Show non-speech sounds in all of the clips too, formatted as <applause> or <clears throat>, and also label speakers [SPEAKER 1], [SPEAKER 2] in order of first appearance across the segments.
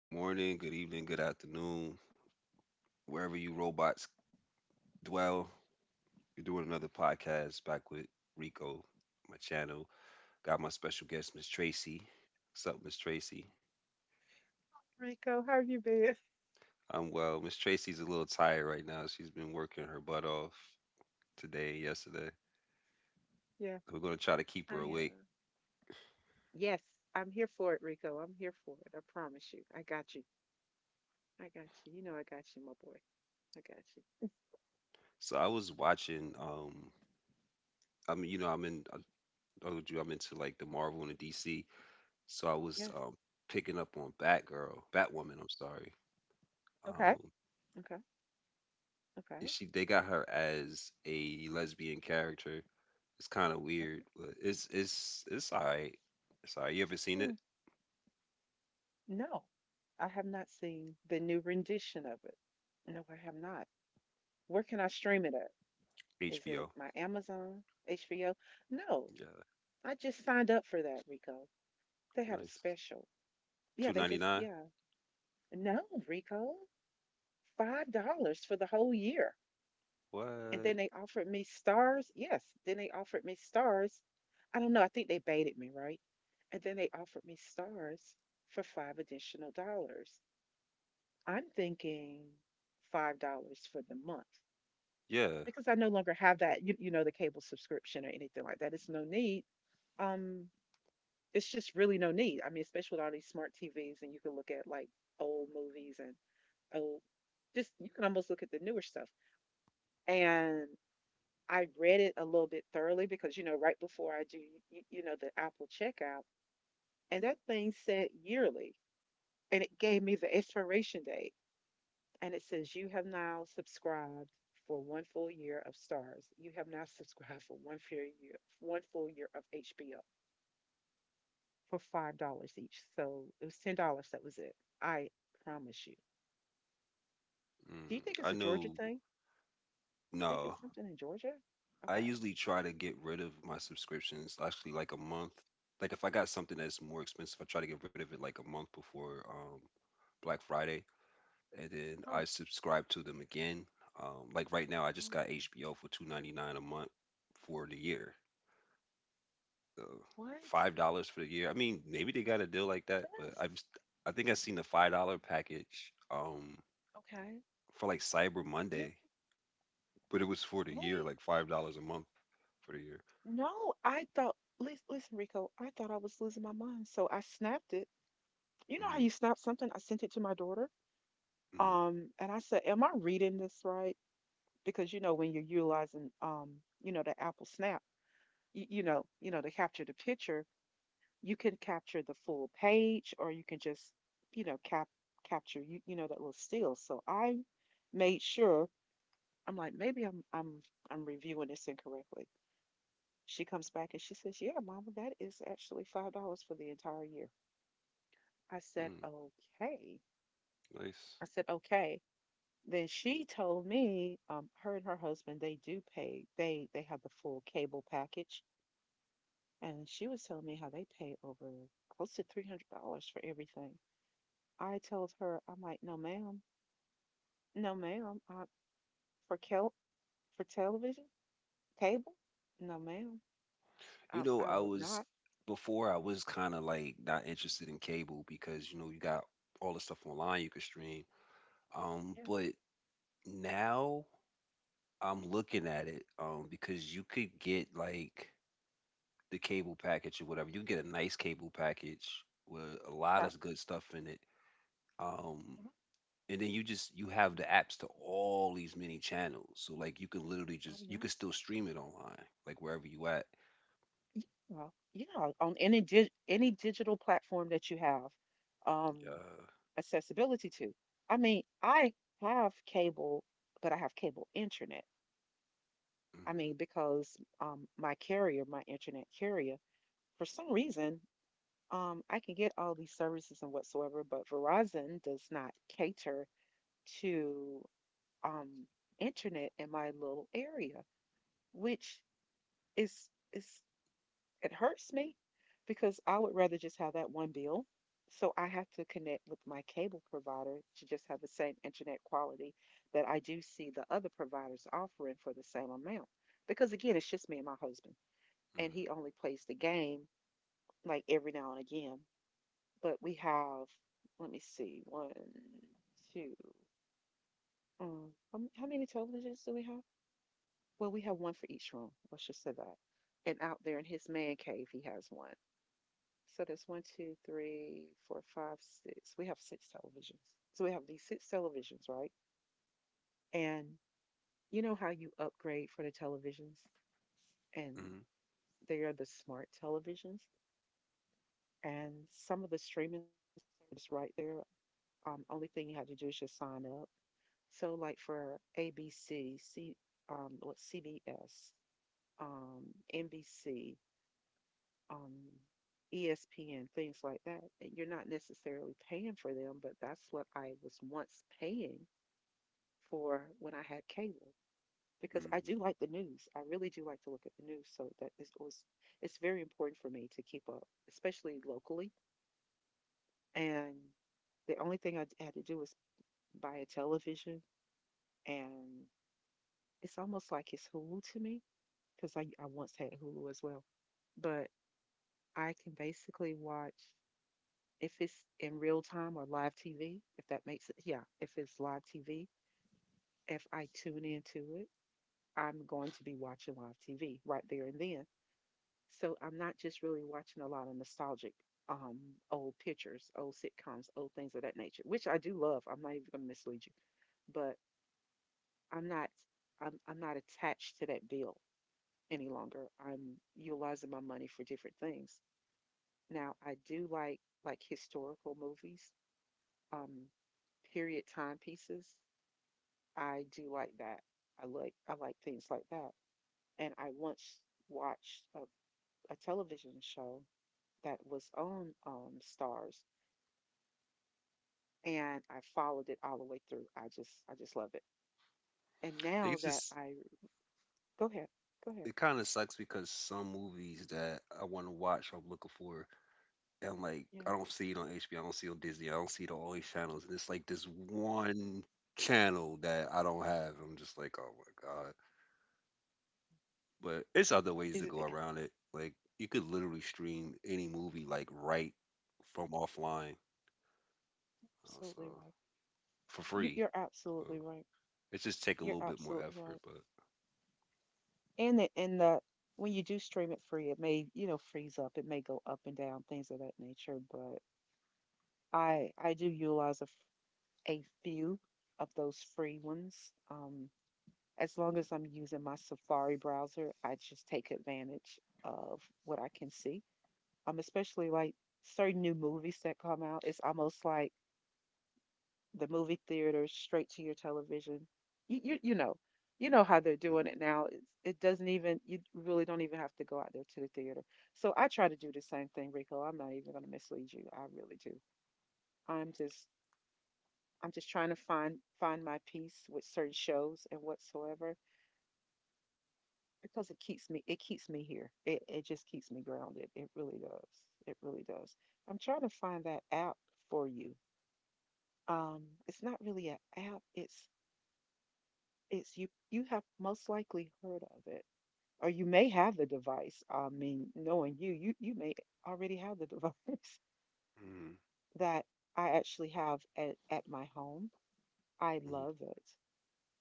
[SPEAKER 1] Good morning, good evening, good afternoon, wherever you robots dwell. You're doing another podcast back with Rico, my channel. Got my special guest, Miss Tracy. What's up, Miss Tracy?
[SPEAKER 2] Rico, how you been? <laughs>
[SPEAKER 1] I'm well. Miss Tracy's a little tired right now. She's been working her butt off today and yesterday.
[SPEAKER 2] Yeah,
[SPEAKER 1] We're gonna try to keep
[SPEAKER 2] I
[SPEAKER 1] her awake.
[SPEAKER 2] am. Yes, I'm here for it, Rico. I'm here for it. I promise you. I got you. I got you. You know I got you, my boy. I got you.
[SPEAKER 1] So I was watching. I'm I'm in. I told you I'm into like the Marvel and the DC. So I was
[SPEAKER 2] Yes.
[SPEAKER 1] picking up on Batgirl, Batwoman. I'm sorry.
[SPEAKER 2] Okay.
[SPEAKER 1] Um,
[SPEAKER 2] Okay.
[SPEAKER 1] is
[SPEAKER 2] Okay.
[SPEAKER 1] she they got her as a lesbian character. It's kind of weird,
[SPEAKER 2] Okay.
[SPEAKER 1] but it's alright. It's alright. You ever seen
[SPEAKER 2] Hmm.
[SPEAKER 1] it?
[SPEAKER 2] No, I have not seen the new rendition of it. No, I have not. Where can I stream it at? Is it
[SPEAKER 1] HBO.
[SPEAKER 2] my Amazon, HBO?
[SPEAKER 1] Yeah,
[SPEAKER 2] No, I just signed up for that, Rico. They had a
[SPEAKER 1] nice.
[SPEAKER 2] special.
[SPEAKER 1] Two
[SPEAKER 2] Yeah, they
[SPEAKER 1] ninety
[SPEAKER 2] just,
[SPEAKER 1] nine.
[SPEAKER 2] yeah. No, Rico. $5 for the whole year. And
[SPEAKER 1] What?
[SPEAKER 2] then they offered me stars. Yes, then they offered me stars. I don't know. I think they baited me, right? And then they offered me stars for five additional dollars. I'm thinking $5 for the month
[SPEAKER 1] Yeah.
[SPEAKER 2] because I no longer have that. The cable subscription or anything like that. It's no need. Um, it's just really no need. I mean, especially with all these smart TVs, and you can look at like old movies and old. Just you can almost look at the newer stuff. And I read it a little bit thoroughly because, right before I do, the Apple checkout, and that thing said yearly, and it gave me the expiration date, and it says you have now subscribed for one full year of Stars. You have now subscribed for one full year of HBO for $5 each. So it was $10. That was it. I promise you. Do you
[SPEAKER 1] Mm,
[SPEAKER 2] think
[SPEAKER 1] I
[SPEAKER 2] it's a Georgia
[SPEAKER 1] know.
[SPEAKER 2] thing? You think
[SPEAKER 1] No,
[SPEAKER 2] it's something in Georgia?
[SPEAKER 1] I
[SPEAKER 2] Okay.
[SPEAKER 1] usually try to get rid of my subscriptions actually like a month. Like if I got something that's more expensive, I try to get rid of it like a month before Black Friday, and then
[SPEAKER 2] Oh,
[SPEAKER 1] I subscribe to them again. Like right now, I just got
[SPEAKER 2] oh
[SPEAKER 1] HBO for 2.99 a month for the year. So
[SPEAKER 2] what?
[SPEAKER 1] $5 for the year. I mean, maybe they got a deal like that, but
[SPEAKER 2] Yes.
[SPEAKER 1] I think I seen the $5 package
[SPEAKER 2] Okay.
[SPEAKER 1] for like Cyber
[SPEAKER 2] Yeah.
[SPEAKER 1] Monday, but it was for the year,
[SPEAKER 2] What?
[SPEAKER 1] like $5 a month for the year.
[SPEAKER 2] No, I thought, listen, listen, Rico, I thought I was losing my mind. So I snapped it. You know how
[SPEAKER 1] hmm
[SPEAKER 2] you snap something? I sent it to my daughter.
[SPEAKER 1] hmm
[SPEAKER 2] And I said, am I reading this right? Because when you're utilizing the Apple Snap, to capture the picture, you can capture the full page or you can just, you know, cap capture that little still. So I made sure. I'm like, maybe I'm reviewing this incorrectly. She comes back and she says, yeah, mama, that is actually $5 for the entire year. I said,
[SPEAKER 1] mm
[SPEAKER 2] okay.
[SPEAKER 1] Nice.
[SPEAKER 2] I said, okay. Then she told me, her and her husband, they do pay, they have the full cable package. And she was telling me how they pay over close to $300 for everything. I told her, I'm like, no, ma'am. No, ma'am. For kel- for television, cable? No, ma'am.
[SPEAKER 1] You know,
[SPEAKER 2] I
[SPEAKER 1] I
[SPEAKER 2] would
[SPEAKER 1] was
[SPEAKER 2] not.
[SPEAKER 1] before I was kind of like not interested in cable because you know you got all the stuff online you could stream.
[SPEAKER 2] Yeah.
[SPEAKER 1] But Now I'm looking at it, because you could get like the cable package or whatever. You get a nice cable package with a lot
[SPEAKER 2] Okay.
[SPEAKER 1] of good stuff in it. Um,
[SPEAKER 2] Mhm.
[SPEAKER 1] and then you have the apps to all these many channels. So like you can literally
[SPEAKER 2] Oh,
[SPEAKER 1] just you can
[SPEAKER 2] yes.
[SPEAKER 1] still stream it online, like wherever you at.
[SPEAKER 2] Yeah, yeah, on any dig any digital platform that you have um,
[SPEAKER 1] Yeah.
[SPEAKER 2] accessibility to. I mean, I have cable, but I have cable internet. I
[SPEAKER 1] Mm-hmm,
[SPEAKER 2] mean, because my carrier, my internet carrier, for some reason, I can get all these services and whatsoever, but Verizon does not cater to um, internet in my little area, which is it hurts me because I would rather just have that one bill. So I have to connect with my cable provider to just have the same internet quality that I do see the other providers offering for the same amount. Because again, it's just me and my husband, and
[SPEAKER 1] mm-hmm,
[SPEAKER 2] he only plays the game like every now and again. But we have, let me see, one, two, how many televisions do we have? Well, we have one for each room. Let's just say that. And out there in his man cave, he has one. So there's one, two, three, four, five, six. We have six televisions. So we have these six televisions, right? And you know how you upgrade for the televisions, and
[SPEAKER 1] mm-hmm,
[SPEAKER 2] they are the smart televisions. And some of the streaming service right there, only thing you have to do is just sign up. So like for ABC, what CBS, um, NBC, um, ESPN, things like that. And you're not necessarily paying for them, but that's what I was once paying for when I had cable because I do like the
[SPEAKER 1] mm-hmm.
[SPEAKER 2] news. I really do like to look at the news. So that is was It's very important for me to keep up, especially locally. And the only thing I had to do was buy a television, and it's almost like it's Hulu to me because I once had Hulu as well, but I can basically watch if it's in real time or live TV, if that makes it, yeah, if it's live TV, if I tune into it, I'm going to be watching live TV right there and then. So I'm not just really watching a lot of nostalgic um old pictures, old sitcoms, old things of that nature, which I do love. I'm not even going to mislead you, but I'm not I'm not attached to that bill any longer. I'm utilizing my money for different things. Now, I do like historical movies, um, period timepieces. I do like that. I like things like that. And I once watched a television show that was on Stars, and I followed it all the way through. I just love it. And now
[SPEAKER 1] It
[SPEAKER 2] that
[SPEAKER 1] just
[SPEAKER 2] I go ahead, go ahead.
[SPEAKER 1] it kind of sucks because some movies that I want to watch, I'm looking for. And like
[SPEAKER 2] Yeah,
[SPEAKER 1] I don't see it on HBO, I don't see it on Disney, I don't see it on all these channels. And it's like this one channel that I
[SPEAKER 2] okay,
[SPEAKER 1] don't have. I'm just like, oh my god. But it's other ways
[SPEAKER 2] is
[SPEAKER 1] to go
[SPEAKER 2] it,
[SPEAKER 1] around it. Like you could literally stream any movie like right from offline,
[SPEAKER 2] <laughs>
[SPEAKER 1] so
[SPEAKER 2] absolutely right?
[SPEAKER 1] for
[SPEAKER 2] You,
[SPEAKER 1] free.
[SPEAKER 2] you're
[SPEAKER 1] So
[SPEAKER 2] absolutely right.
[SPEAKER 1] it just take a
[SPEAKER 2] You're
[SPEAKER 1] little bit more
[SPEAKER 2] absolutely
[SPEAKER 1] effort,
[SPEAKER 2] right.
[SPEAKER 1] but
[SPEAKER 2] And the When you do stream it free, it may, freeze up. It may go up and down, things of that nature. But I do utilize a few of those free ones. As long as I'm using my Safari browser, I just take advantage of what I can see. Especially like certain new movies that come out, it's almost like the movie theater straight to your television. You you, you know, you know how they're doing
[SPEAKER 1] Mhm,
[SPEAKER 2] it now. It doesn't even, you really don't even have to go out there to the theater. So I try to do the same thing, Rico. I'm not even gonna mislead you. I really do. I'm just I'm just trying to find my peace with certain shows and whatsoever because it keeps me here. It just keeps me grounded. It really does. It really does. I'm trying to find that app for you. Um, it's not really an app. It's you, you have most likely heard of it, or you may have the device. I mean, knowing you, you may already have the device <laughs>
[SPEAKER 1] mhm,
[SPEAKER 2] that I actually have at my home. I
[SPEAKER 1] mhm.
[SPEAKER 2] love it.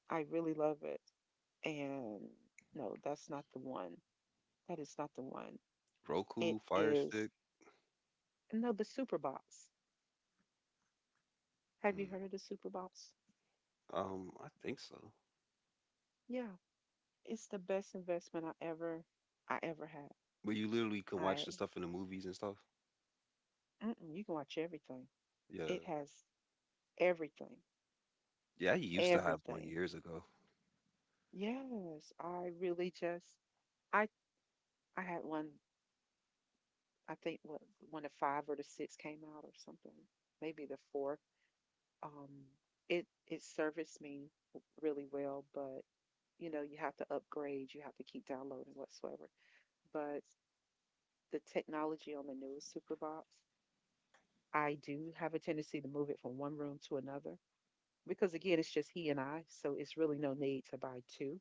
[SPEAKER 2] I really love it. And no, that's not the one. That is not the one. It
[SPEAKER 1] Roku, Fire
[SPEAKER 2] is
[SPEAKER 1] Stick,
[SPEAKER 2] no the Super Box. Have you
[SPEAKER 1] mm,
[SPEAKER 2] heard of the Super Box?
[SPEAKER 1] I think so.
[SPEAKER 2] Yeah, it's the best investment I ever had.
[SPEAKER 1] But you literally can watch
[SPEAKER 2] I
[SPEAKER 1] the stuff in the movies and stuff.
[SPEAKER 2] mm-mm, you can watch everything.
[SPEAKER 1] Yeah,
[SPEAKER 2] It has everything,
[SPEAKER 1] yeah. I used to have one
[SPEAKER 2] everything.
[SPEAKER 1] years ago.
[SPEAKER 2] Yes, I really just I I had one. I think what one of five or the six came out or something. Maybe the fourth. Um, it serviced me really well, but you know, you have to upgrade, you have to keep downloading whatsoever. But the technology on the newest Superbox, I do have a tendency to move it from one room to another because again, it's just he and I, so it's really no need to buy two,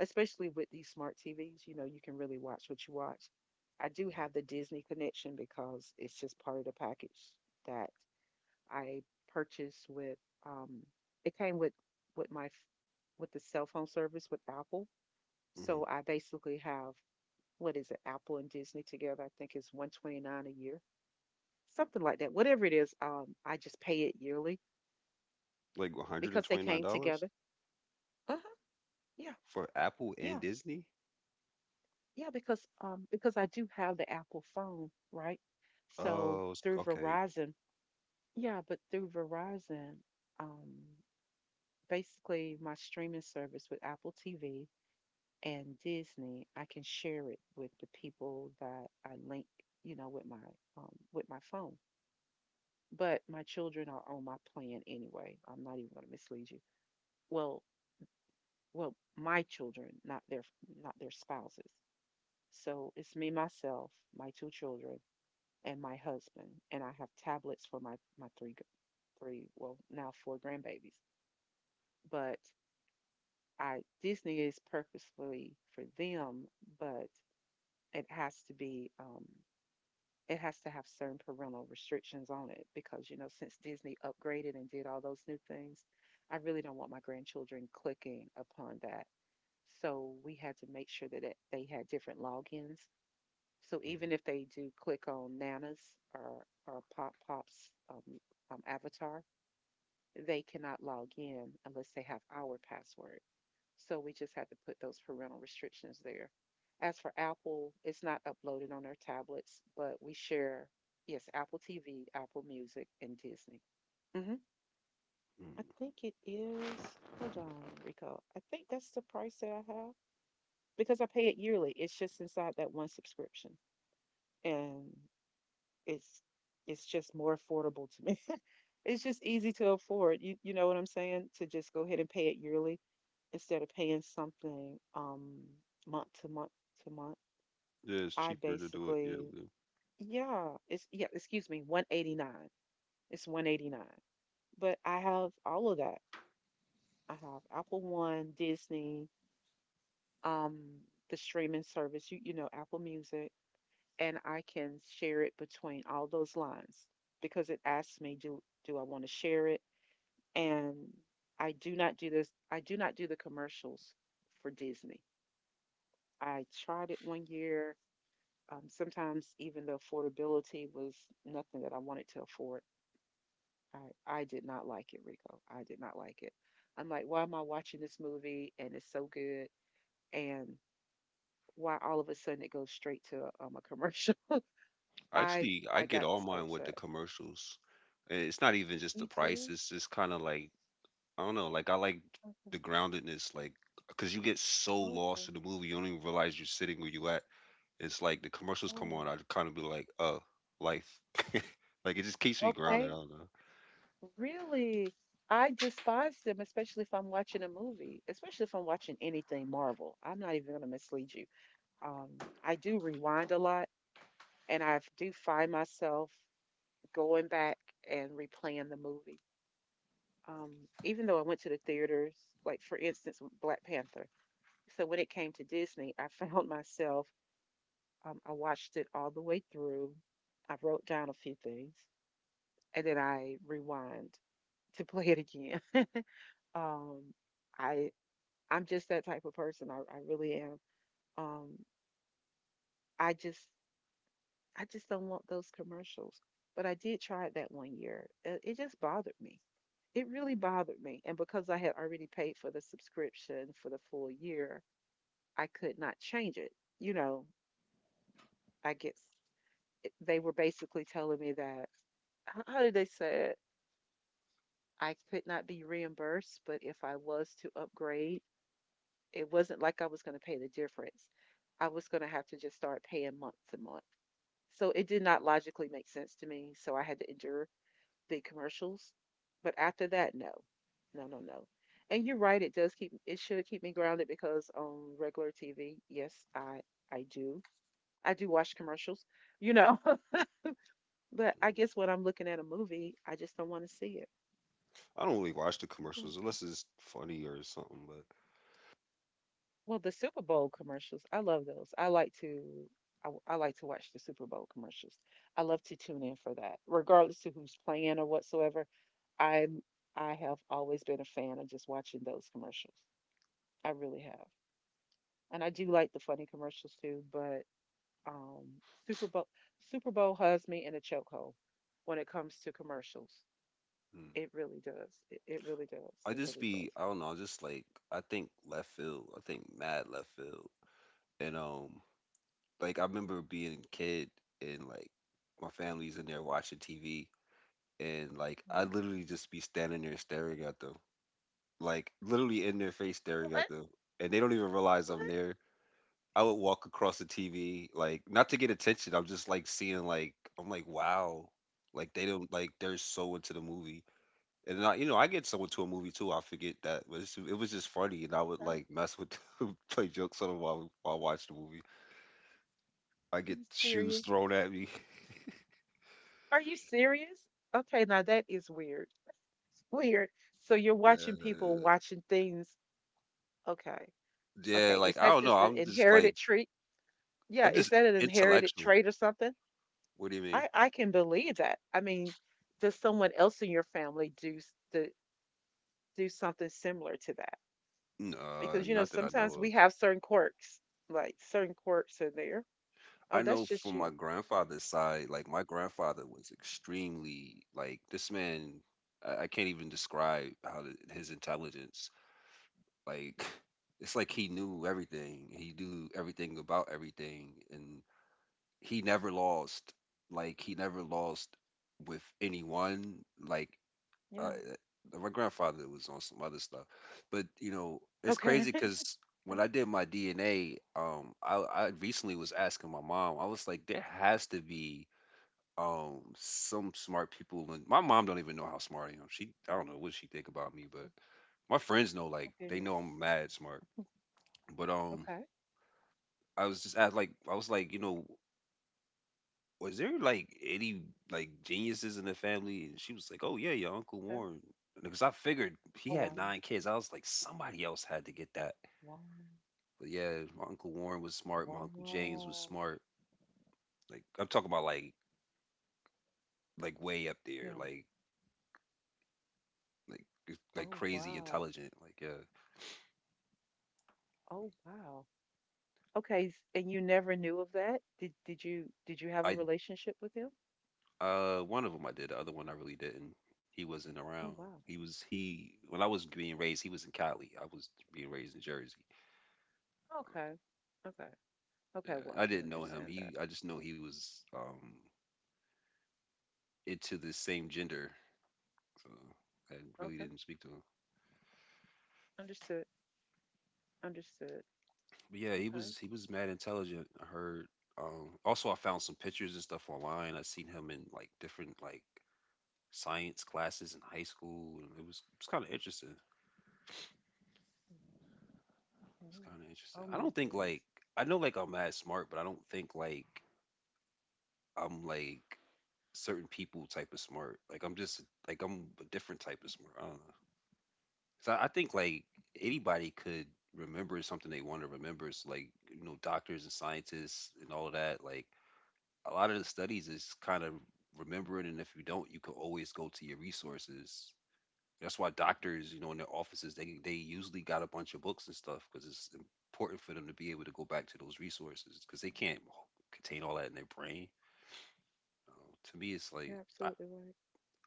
[SPEAKER 2] especially with these smart TVs. You know, you can really watch what you watch. I do have the Disney connection because it's just part of the package that I purchased with, um, it came with my with the cell phone service with Apple.
[SPEAKER 1] hmm
[SPEAKER 2] So I basically have, what is it, Apple and Disney together? I think it's 129 a year, something like that. Whatever it is, I just pay it yearly
[SPEAKER 1] Like one hundred and
[SPEAKER 2] because they
[SPEAKER 1] twenty nine
[SPEAKER 2] came
[SPEAKER 1] dollars
[SPEAKER 2] together. Uh huh. Yeah,
[SPEAKER 1] for Apple and
[SPEAKER 2] yeah,
[SPEAKER 1] Disney.
[SPEAKER 2] yeah. Because I do have the Apple phone, right? So through
[SPEAKER 1] Okay.
[SPEAKER 2] Verizon, yeah, but through Verizon, um, basically my streaming service with Apple TV and Disney, I can share it with the people that I link, you know, with my phone. But my children are on my plan anyway. I'm not even going to mislead you. Well, well, my children, not their spouses. So it's me, myself, my two children, and my husband, and I have tablets for my three, well, now four grandbabies. But I Disney is purposefully for them, but it has to be, it has to have certain parental restrictions on it because you know, since Disney upgraded and did all those new things, I really don't want my grandchildren clicking upon that. So we had to make sure that they had different logins. So
[SPEAKER 1] Mm-hmm.
[SPEAKER 2] even if they do click on Nana's or Pop Pop's avatar, they cannot log in unless they have our password. So we just had to put those parental restrictions there. As for Apple, it's not uploaded on their tablets, but we share, yes, Apple TV, Apple Music, and Disney. hmm I
[SPEAKER 1] Mm-hmm.
[SPEAKER 2] think it is, hold on, recall. I think that's the price that I have because I pay it yearly. It's just inside that one subscription. And it's it's just more affordable to me. <laughs> It's just easy to afford. You know what I'm saying? To just go ahead and pay it yearly instead of paying something month to month to month.
[SPEAKER 1] Yeah, it's
[SPEAKER 2] I
[SPEAKER 1] cheaper to do it
[SPEAKER 2] basically,
[SPEAKER 1] yearly.
[SPEAKER 2] yeah, excuse me, 189. It's 189. But I have all of that. I have Apple One, Disney, um the streaming service, Apple Music, and I can share it between all those lines because it asks me, do I want to share it? And I do not do this. I do not do the commercials for Disney. I tried it 1 year. Sometimes even the affordability was nothing that I wanted to afford. I, I did not like it, Rico. I did not like it. I'm like, why am I watching this movie and it's so good? And why all of a sudden it goes straight to a commercial? <laughs> I
[SPEAKER 1] Actually, I
[SPEAKER 2] I
[SPEAKER 1] get
[SPEAKER 2] got
[SPEAKER 1] all
[SPEAKER 2] so
[SPEAKER 1] mine with the
[SPEAKER 2] upset.
[SPEAKER 1] commercials. And it's not even just the
[SPEAKER 2] You
[SPEAKER 1] price.
[SPEAKER 2] too?
[SPEAKER 1] It's just kind of like I don't know. Like I like
[SPEAKER 2] Okay.
[SPEAKER 1] the groundedness, like because you get so lost
[SPEAKER 2] Okay.
[SPEAKER 1] in the movie, you don't even realize you're sitting where you at. It's like the commercials come on.
[SPEAKER 2] Oh,
[SPEAKER 1] I kind of be like, oh, life. <laughs> Like it just keeps me grounded. I
[SPEAKER 2] okay.
[SPEAKER 1] don't know.
[SPEAKER 2] Really? I despise them, especially if I'm watching a movie, especially if I'm watching anything Marvel. I'm not even going to mislead you. Um, I do rewind a lot and I do find myself going back and replaying the movie. Um, Even though I went to the theaters, like for instance, Black Panther. So when it came to Disney, I <laughs> found myself, I watched it all the way through. I wrote down a few things and then I rewind to play it again. <laughs> Um, I I'm just that type of person. I really am. Um, I just I just don't want those commercials. But I did try it that 1 year. It just bothered me. It really bothered me. And because I had already paid for the subscription for the full year, I could not change it. You know, I guess they were basically telling me that, how did they say it? I could not be reimbursed, but if I was to upgrade, it wasn't like I was going to pay the difference. I was going to have to just start paying month to month. So it did not logically make sense to me. So I had to endure the commercials. But after that, no, no, no, no. And you're right; it does keep it should keep me grounded because on regular TV, yes, I do I do watch commercials, you know. <laughs> But
[SPEAKER 1] Mm-hmm.
[SPEAKER 2] I guess when I'm looking at a movie, I just don't want to see it.
[SPEAKER 1] I don't really watch the
[SPEAKER 2] I don't.
[SPEAKER 1] commercials unless it's funny or something. But
[SPEAKER 2] Well, the Super Bowl commercials, I love those. I like to I like to watch the Super Bowl commercials. I love to tune in for that, regardless to who's playing or whatsoever. I I have always been a fan of just watching those commercials. I really have. And I do like the funny commercials too, but um, Super Bowl Super Bowl has me in a chokehold when it comes to commercials.
[SPEAKER 1] mm.
[SPEAKER 2] It really does. It really does. It really does.
[SPEAKER 1] I don't know. I just like I think left field. I think mad left field. And like I remember being a kid and like my family's in there watching TV and like I
[SPEAKER 2] Mhm.
[SPEAKER 1] literally just be standing there staring at them, like literally in their face staring at
[SPEAKER 2] What?
[SPEAKER 1] them, and they don't even realize
[SPEAKER 2] What?
[SPEAKER 1] I'm there. I would walk across the TV like not to get attention. I'm just like seeing like I'm like wow, like they don't like they're so into the movie. And I, you know, I get someone to a movie too. I forget that, but it was just funny, and I would
[SPEAKER 2] Are
[SPEAKER 1] like mess with, <laughs> play jokes on them while I watch the movie. I
[SPEAKER 2] are
[SPEAKER 1] get
[SPEAKER 2] you
[SPEAKER 1] shoes
[SPEAKER 2] serious?
[SPEAKER 1] thrown at me. <laughs>
[SPEAKER 2] Are you serious? Okay, now that is weird. It's weird. So you're watching people
[SPEAKER 1] Uh,
[SPEAKER 2] watching things. Okay.
[SPEAKER 1] yeah,
[SPEAKER 2] Okay. Is
[SPEAKER 1] like I
[SPEAKER 2] that
[SPEAKER 1] don't know.
[SPEAKER 2] just an inherited trait? Yeah.
[SPEAKER 1] I'm
[SPEAKER 2] Is
[SPEAKER 1] just
[SPEAKER 2] that an inherited
[SPEAKER 1] intellectual.
[SPEAKER 2] trait or something?
[SPEAKER 1] What do you mean?
[SPEAKER 2] I can believe that. I mean, does someone else in your family do s- the do something similar to that?
[SPEAKER 1] No,
[SPEAKER 2] Because you know
[SPEAKER 1] not that I know
[SPEAKER 2] sometimes we
[SPEAKER 1] of.
[SPEAKER 2] have certain quirks, like certain quirks are there. Oh,
[SPEAKER 1] I
[SPEAKER 2] that's
[SPEAKER 1] know
[SPEAKER 2] just
[SPEAKER 1] from my
[SPEAKER 2] you.
[SPEAKER 1] grandfather's side, like my grandfather was extremely like this man. I can't even describe how his intelligence. Like it's like he knew everything. He knew everything about everything, and he never lost. Like he never lost with anyone. Like uh,
[SPEAKER 2] Yeah.
[SPEAKER 1] my grandfather was on some other stuff, but you know it's
[SPEAKER 2] Okay.
[SPEAKER 1] crazy
[SPEAKER 2] <laughs>
[SPEAKER 1] because when I did my DNA, I recently was asking my mom. I was like, there has to be some smart people, and my mom don't even know how smart I am. She I don't know what she think about me,
[SPEAKER 2] Oh
[SPEAKER 1] but my friends know
[SPEAKER 2] oh,
[SPEAKER 1] like they
[SPEAKER 2] goodness.
[SPEAKER 1] know I'm mad smart. But
[SPEAKER 2] Okay.
[SPEAKER 1] I was like, you know, was there any like geniuses in the family? And she was like, oh yeah, your uncle
[SPEAKER 2] Okay.
[SPEAKER 1] Warren. Because I figured
[SPEAKER 2] Oh
[SPEAKER 1] he had
[SPEAKER 2] wow.
[SPEAKER 1] nine kids. I was like, somebody else had to get that.
[SPEAKER 2] Wow.
[SPEAKER 1] But yeah, my uncle Warren was smart. My uncle James was
[SPEAKER 2] Wow.
[SPEAKER 1] smart. Like I'm talking about like way up
[SPEAKER 2] Yeah.
[SPEAKER 1] there, like like like
[SPEAKER 2] Oh
[SPEAKER 1] crazy
[SPEAKER 2] wow.
[SPEAKER 1] intelligent. Like yeah,
[SPEAKER 2] Oh wow. Okay. And you never knew of that? Did you did you have a
[SPEAKER 1] I
[SPEAKER 2] relationship with him?
[SPEAKER 1] uh, one of them I did. The other one I really didn't. He wasn't
[SPEAKER 2] Oh
[SPEAKER 1] around.
[SPEAKER 2] wow.
[SPEAKER 1] He was he when I was being raised. He was in Cali. I was being raised in Jersey.
[SPEAKER 2] Okay. Okay. Okay, well,
[SPEAKER 1] uh,
[SPEAKER 2] I
[SPEAKER 1] I
[SPEAKER 2] can
[SPEAKER 1] didn't know him.
[SPEAKER 2] understand.
[SPEAKER 1] He I just know he was into the same gender. So I really
[SPEAKER 2] Okay.
[SPEAKER 1] didn't speak to him.
[SPEAKER 2] Understood. Understood.
[SPEAKER 1] But yeah,
[SPEAKER 2] Okay.
[SPEAKER 1] he was mad intelligent. I heard. Also, I found some pictures and stuff online. I seen him in like different like science classes in high school, and it's kind of interesting. It's
[SPEAKER 2] Okay.
[SPEAKER 1] kind of interesting.
[SPEAKER 2] Oh
[SPEAKER 1] I
[SPEAKER 2] my
[SPEAKER 1] don't think
[SPEAKER 2] goodness.
[SPEAKER 1] like I know like I'm mad smart, but I don't think like I'm like certain people type of smart. Like I'm just like I'm a different type of smart. I don't know. So I think like anybody could remember something they want to remember. It's like you know doctors and scientists and all of that. Like a lot of the studies is kind of remember it, and if you don't, you can always go to your resources. That's why doctors, you know, in their offices, they usually got a bunch of books and stuff because it's important for them to be able to go back to those resources because they can't contain all that in their brain. Uh, to me, it's like
[SPEAKER 2] You're absolutely right.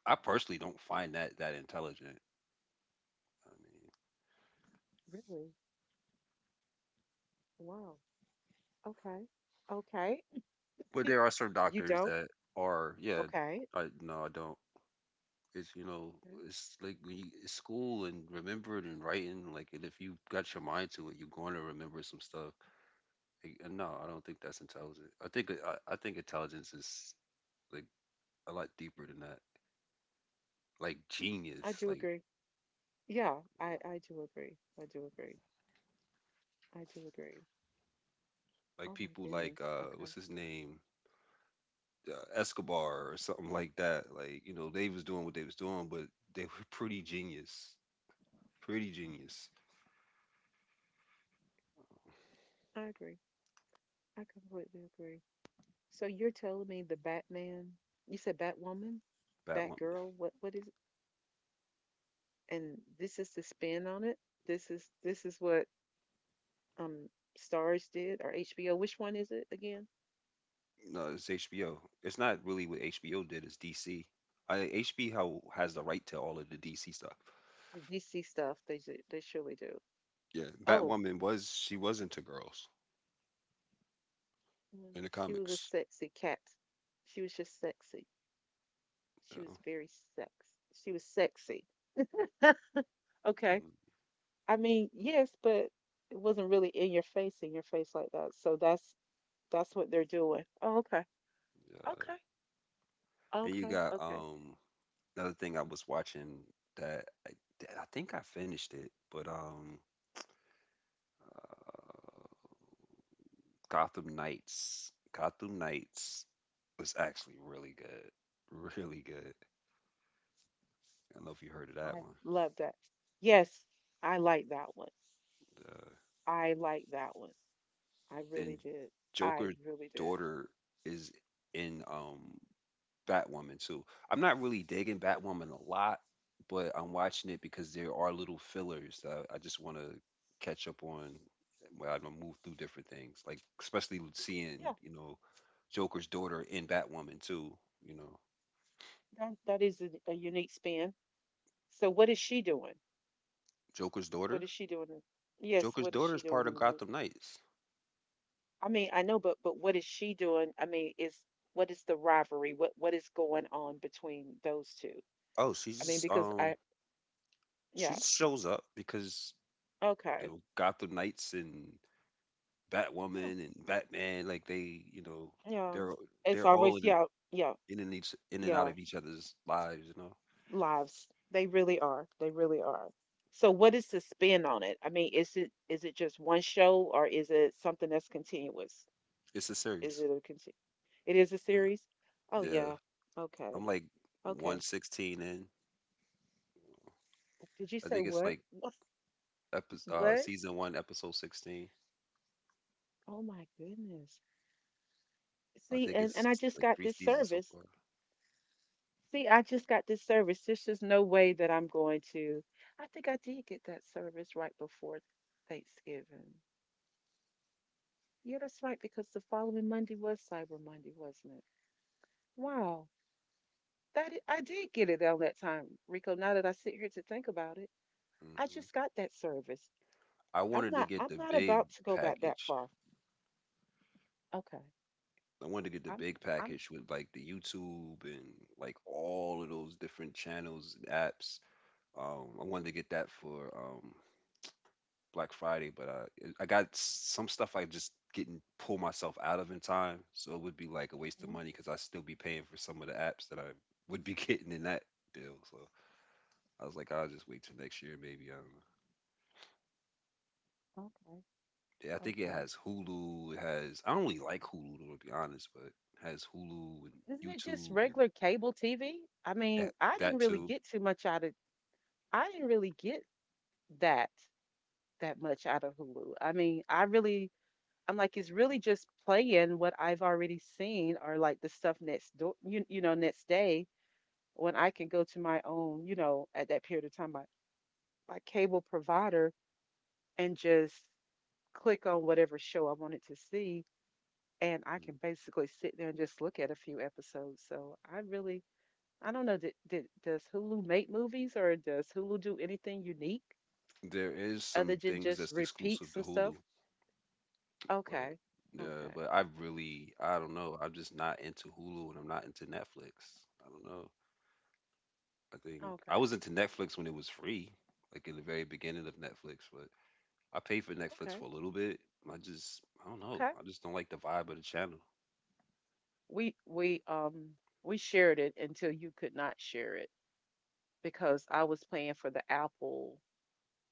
[SPEAKER 1] I personally don't find that that intelligent. I mean.
[SPEAKER 2] Really? Wow. Okay. Okay.
[SPEAKER 1] But
[SPEAKER 2] <laughs>
[SPEAKER 1] there are some
[SPEAKER 2] You
[SPEAKER 1] doctors
[SPEAKER 2] don't?
[SPEAKER 1] that are, yeah,
[SPEAKER 2] Okay.
[SPEAKER 1] I no, I don't. It's you know,
[SPEAKER 2] Okay.
[SPEAKER 1] it's like when you, it's school and remembering and writing. Like, and if you got your mind to it, you're going to remember some stuff. Like, and no, I don't think that's intelligent. I think intelligence is like a lot deeper than that. Like
[SPEAKER 2] I
[SPEAKER 1] genius,
[SPEAKER 2] do agree. Yeah, I do agree. I do agree. I do agree.
[SPEAKER 1] like
[SPEAKER 2] Oh my
[SPEAKER 1] people
[SPEAKER 2] goodness.
[SPEAKER 1] like what's
[SPEAKER 2] Okay.
[SPEAKER 1] his name, Escobar or something like that. Like, you know, they was doing what they was doing, but they were pretty genius, pretty genius.
[SPEAKER 2] I agree. I completely agree. So you're telling me the Batman, you said Batwoman,
[SPEAKER 1] Bat
[SPEAKER 2] Batgirl, what is and this is the spin on it? This is what um Stars did or HBO. Which one is it again?
[SPEAKER 1] No, it's HBO. It's not really what HBO did. It's DC. I HBO has the right to all of the DC stuff.
[SPEAKER 2] The DC stuff. They surely do.
[SPEAKER 1] Yeah,
[SPEAKER 2] Oh,
[SPEAKER 1] Batwoman was she was into girls
[SPEAKER 2] mm,
[SPEAKER 1] in the
[SPEAKER 2] she was a
[SPEAKER 1] comics.
[SPEAKER 2] sexy cat. She was just sexy. She was
[SPEAKER 1] So,
[SPEAKER 2] very sex. She was sexy. Okay.
[SPEAKER 1] and,
[SPEAKER 2] I mean, yes, but it wasn't really in your face like that. So that's what they're doing. Oh, okay.
[SPEAKER 1] uh,
[SPEAKER 2] Okay.
[SPEAKER 1] and you
[SPEAKER 2] Okay.
[SPEAKER 1] got
[SPEAKER 2] Okay.
[SPEAKER 1] another thing I was watching that that I think I finished it, but uh, Gotham Knights. Gotham Knights was actually really good, <laughs> really good. I don't know if you heard of that
[SPEAKER 2] I love that. Yes, I like that one.
[SPEAKER 1] one.
[SPEAKER 2] I like that one. I really
[SPEAKER 1] And
[SPEAKER 2] did. I
[SPEAKER 1] Joker's
[SPEAKER 2] really did.
[SPEAKER 1] daughter is in Batwoman too. I'm not really digging Batwoman a lot, but I'm watching it because there are little fillers that I just want to catch up on where I'm gonna move through different things, like especially with seeing
[SPEAKER 2] Yeah.
[SPEAKER 1] you know Joker's daughter in Batwoman too. You know
[SPEAKER 2] That that is a unique spin. So what is she doing?
[SPEAKER 1] Joker's
[SPEAKER 2] What
[SPEAKER 1] daughter.
[SPEAKER 2] is she doing? Yes,
[SPEAKER 1] Joker's
[SPEAKER 2] what is
[SPEAKER 1] daughter
[SPEAKER 2] she
[SPEAKER 1] is
[SPEAKER 2] doing
[SPEAKER 1] part
[SPEAKER 2] in
[SPEAKER 1] of
[SPEAKER 2] the movie?
[SPEAKER 1] Gotham Knights.
[SPEAKER 2] I mean, I know, but what is she doing? I mean, is what is the rivalry? What is going on between those two?
[SPEAKER 1] Oh,
[SPEAKER 2] I mean, because I
[SPEAKER 1] she
[SPEAKER 2] yeah,
[SPEAKER 1] just shows up because you
[SPEAKER 2] okay,
[SPEAKER 1] know, Gotham Knights and
[SPEAKER 2] yeah,
[SPEAKER 1] Batwoman and Batman, like they, you know,
[SPEAKER 2] yeah,
[SPEAKER 1] they're
[SPEAKER 2] it's
[SPEAKER 1] they're all
[SPEAKER 2] always
[SPEAKER 1] in
[SPEAKER 2] yeah, yeah,
[SPEAKER 1] and each in and out
[SPEAKER 2] yeah,
[SPEAKER 1] of each other's lives. You know,
[SPEAKER 2] lives they really are they really are. So what is the spin on it? I mean, is it just one show or is it something that's continuous?
[SPEAKER 1] it's a
[SPEAKER 2] Is
[SPEAKER 1] series.
[SPEAKER 2] it a continuous? It is a
[SPEAKER 1] Uh,
[SPEAKER 2] series? Oh
[SPEAKER 1] yeah,
[SPEAKER 2] yeah.
[SPEAKER 1] I'm
[SPEAKER 2] Okay.
[SPEAKER 1] like
[SPEAKER 2] Okay.
[SPEAKER 1] 116 in.
[SPEAKER 2] Did you
[SPEAKER 1] I
[SPEAKER 2] say
[SPEAKER 1] think it's
[SPEAKER 2] what?
[SPEAKER 1] like
[SPEAKER 2] What? What?
[SPEAKER 1] season one, episode 16.
[SPEAKER 2] Oh my goodness.
[SPEAKER 1] I
[SPEAKER 2] See,
[SPEAKER 1] think
[SPEAKER 2] and
[SPEAKER 1] it's
[SPEAKER 2] and I just
[SPEAKER 1] like
[SPEAKER 2] got
[SPEAKER 1] three
[SPEAKER 2] this
[SPEAKER 1] seasons so
[SPEAKER 2] service.
[SPEAKER 1] far.
[SPEAKER 2] See, I just got this service. There's just no way that I'm going to. I think I did get that service right before Thanksgiving. Yeah, that's right, because the following Monday was Cyber Monday, wasn't it? Wow. I did get it on that time, Rico. Now that I sit here to think about it, I
[SPEAKER 1] hmm
[SPEAKER 2] just got that service.
[SPEAKER 1] I wanted to get
[SPEAKER 2] I'm
[SPEAKER 1] the
[SPEAKER 2] not
[SPEAKER 1] big
[SPEAKER 2] about to go back that
[SPEAKER 1] package.
[SPEAKER 2] far. Okay.
[SPEAKER 1] I wanted to get the
[SPEAKER 2] I'm
[SPEAKER 1] big
[SPEAKER 2] I'm
[SPEAKER 1] package with like the YouTube and like all of those different channels and apps. I wanted to get that for Black Friday, but I got some stuff I just didn't pull myself out of in time, so it would be like a waste of
[SPEAKER 2] mhm,
[SPEAKER 1] money because I still be paying for some of the apps that I would be <laughs> getting in that deal. So I was like, I'll just wait till next year, maybe. I don't know.
[SPEAKER 2] okay.
[SPEAKER 1] Yeah, I think it
[SPEAKER 2] Okay.
[SPEAKER 1] has Hulu. It has, I don't really like Hulu to be honest, but it has Hulu and
[SPEAKER 2] Isn't it just
[SPEAKER 1] YouTube and
[SPEAKER 2] regular cable TV? I
[SPEAKER 1] eh,
[SPEAKER 2] mean, I didn't
[SPEAKER 1] that
[SPEAKER 2] really
[SPEAKER 1] too.
[SPEAKER 2] get too much out of I didn't really get that that much out of Hulu. I mean, I really I'm like it's really just playing what I've already seen or like the stuff next door you, you know, next day when I can go to my own, you know, at that period of time my cable provider and just click on whatever show I wanted to see and I
[SPEAKER 1] Mm,
[SPEAKER 2] can basically sit there and just look at a few episodes. So I really, I don't know. Does Hulu make movies or does Hulu do anything unique
[SPEAKER 1] mm. There is
[SPEAKER 2] other
[SPEAKER 1] some
[SPEAKER 2] than
[SPEAKER 1] things
[SPEAKER 2] just
[SPEAKER 1] that's
[SPEAKER 2] repeat
[SPEAKER 1] exclusive to
[SPEAKER 2] some stuff?
[SPEAKER 1] Hulu. But
[SPEAKER 2] Okay,
[SPEAKER 1] yeah,
[SPEAKER 2] okay,
[SPEAKER 1] but I really, I don't know. I'm just not into Hulu and I'm not into Netflix. I don't know. I think I
[SPEAKER 2] okay,
[SPEAKER 1] was into Netflix when it was free, like in the very beginning of Netflix. But I paid for Netflix
[SPEAKER 2] okay,
[SPEAKER 1] for a little bit. I don't know.
[SPEAKER 2] okay.
[SPEAKER 1] I just don't like the vibe of the channel.
[SPEAKER 2] We we um we shared it until you could not share it because I was paying for the Apple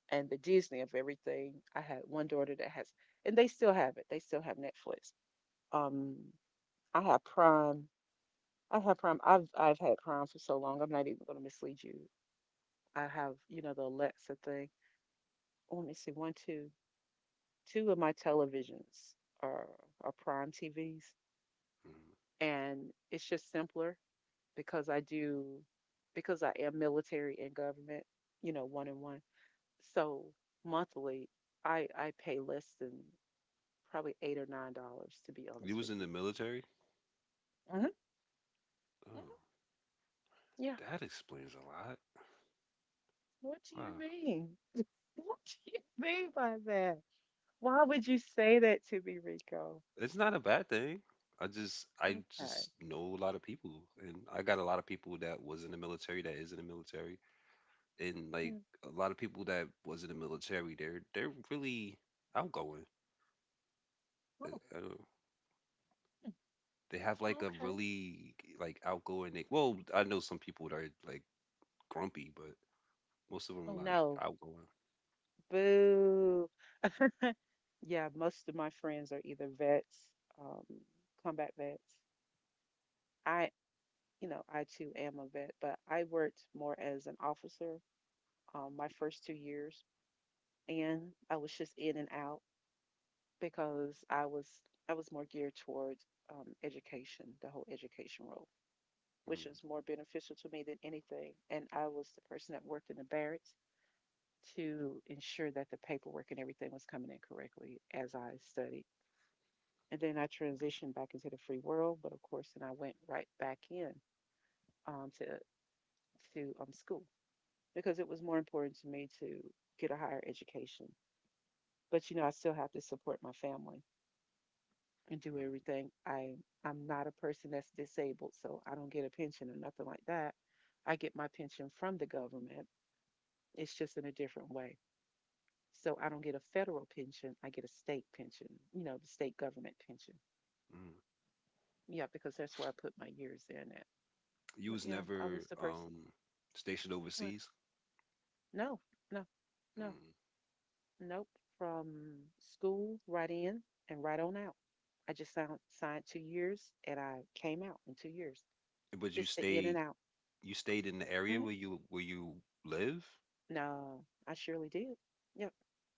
[SPEAKER 2] and the Disney of everything. I had one daughter that has, and they still have it. They still have Netflix. Um, I have Prime. I've had Prime for so long. I'm not even going to mislead you. I have, you know, the Alexa thing. Oh, let me see. One, two, two of my televisions are are Prime TVs,
[SPEAKER 1] Mm.
[SPEAKER 2] and it's just simpler because I do because I am military and government. You know, one and one. So monthly, I pay less than probably $8 or $9 to be
[SPEAKER 1] You
[SPEAKER 2] honest
[SPEAKER 1] was
[SPEAKER 2] with
[SPEAKER 1] in the
[SPEAKER 2] you.
[SPEAKER 1] military?
[SPEAKER 2] hmm
[SPEAKER 1] Oh,
[SPEAKER 2] hmm Yeah.
[SPEAKER 1] that explains a lot.
[SPEAKER 2] What do you
[SPEAKER 1] Wow,
[SPEAKER 2] mean? <laughs> What do you mean by that? Why would you say that to me, Rico?
[SPEAKER 1] it's not a bad thing. I
[SPEAKER 2] Okay.
[SPEAKER 1] just know a lot of people, and I got a lot of people that was in the military, that is in the military, and like
[SPEAKER 2] Yeah.
[SPEAKER 1] a lot of people that was in the military, they're really outgoing.
[SPEAKER 2] Oh,
[SPEAKER 1] I don't-
[SPEAKER 2] hmm,
[SPEAKER 1] They have like
[SPEAKER 2] oh,
[SPEAKER 1] a
[SPEAKER 2] okay.
[SPEAKER 1] really like outgoing. Like, well, I know some people that are like grumpy, but most of them
[SPEAKER 2] Oh
[SPEAKER 1] are like
[SPEAKER 2] no.
[SPEAKER 1] outgoing.
[SPEAKER 2] Boo. <laughs> Yeah, most of my friends are either vets, um, combat vets. I, you know, I too am a vet, but I worked more as an officer my first 2 years, and I was just in and out because I was more geared towards education, the whole education role, which
[SPEAKER 1] Mm,
[SPEAKER 2] was more beneficial to me than anything. And I was the person that worked in the barracks to ensure that the paperwork and everything was coming in correctly as I studied. And then I transitioned back into the free world, but of course, then I went right back in um, to to school because it was more important to me to get a higher education. But you know, I still have to support my family and do
[SPEAKER 1] mm,
[SPEAKER 2] everything. I'm not a person that's disabled, so I don't get a pension or nothing like that. I get my pension from the government. It's just in a different way. So I don't get a federal pension. I get a state pension, you know, the state government pension.
[SPEAKER 1] mm.
[SPEAKER 2] Yeah, because that's where I put my years in at.
[SPEAKER 1] You
[SPEAKER 2] But
[SPEAKER 1] was
[SPEAKER 2] yeah, I was
[SPEAKER 1] never
[SPEAKER 2] the person.
[SPEAKER 1] stationed
[SPEAKER 2] Uh,
[SPEAKER 1] overseas,
[SPEAKER 2] No, no, no,
[SPEAKER 1] mm,
[SPEAKER 2] nope. From school right in and right on out. I just signed 2 years and I came out in 2 years.
[SPEAKER 1] but
[SPEAKER 2] Just the in and out.
[SPEAKER 1] you stayed in the area
[SPEAKER 2] Hmm
[SPEAKER 1] where you live.
[SPEAKER 2] No, I surely did. Yep.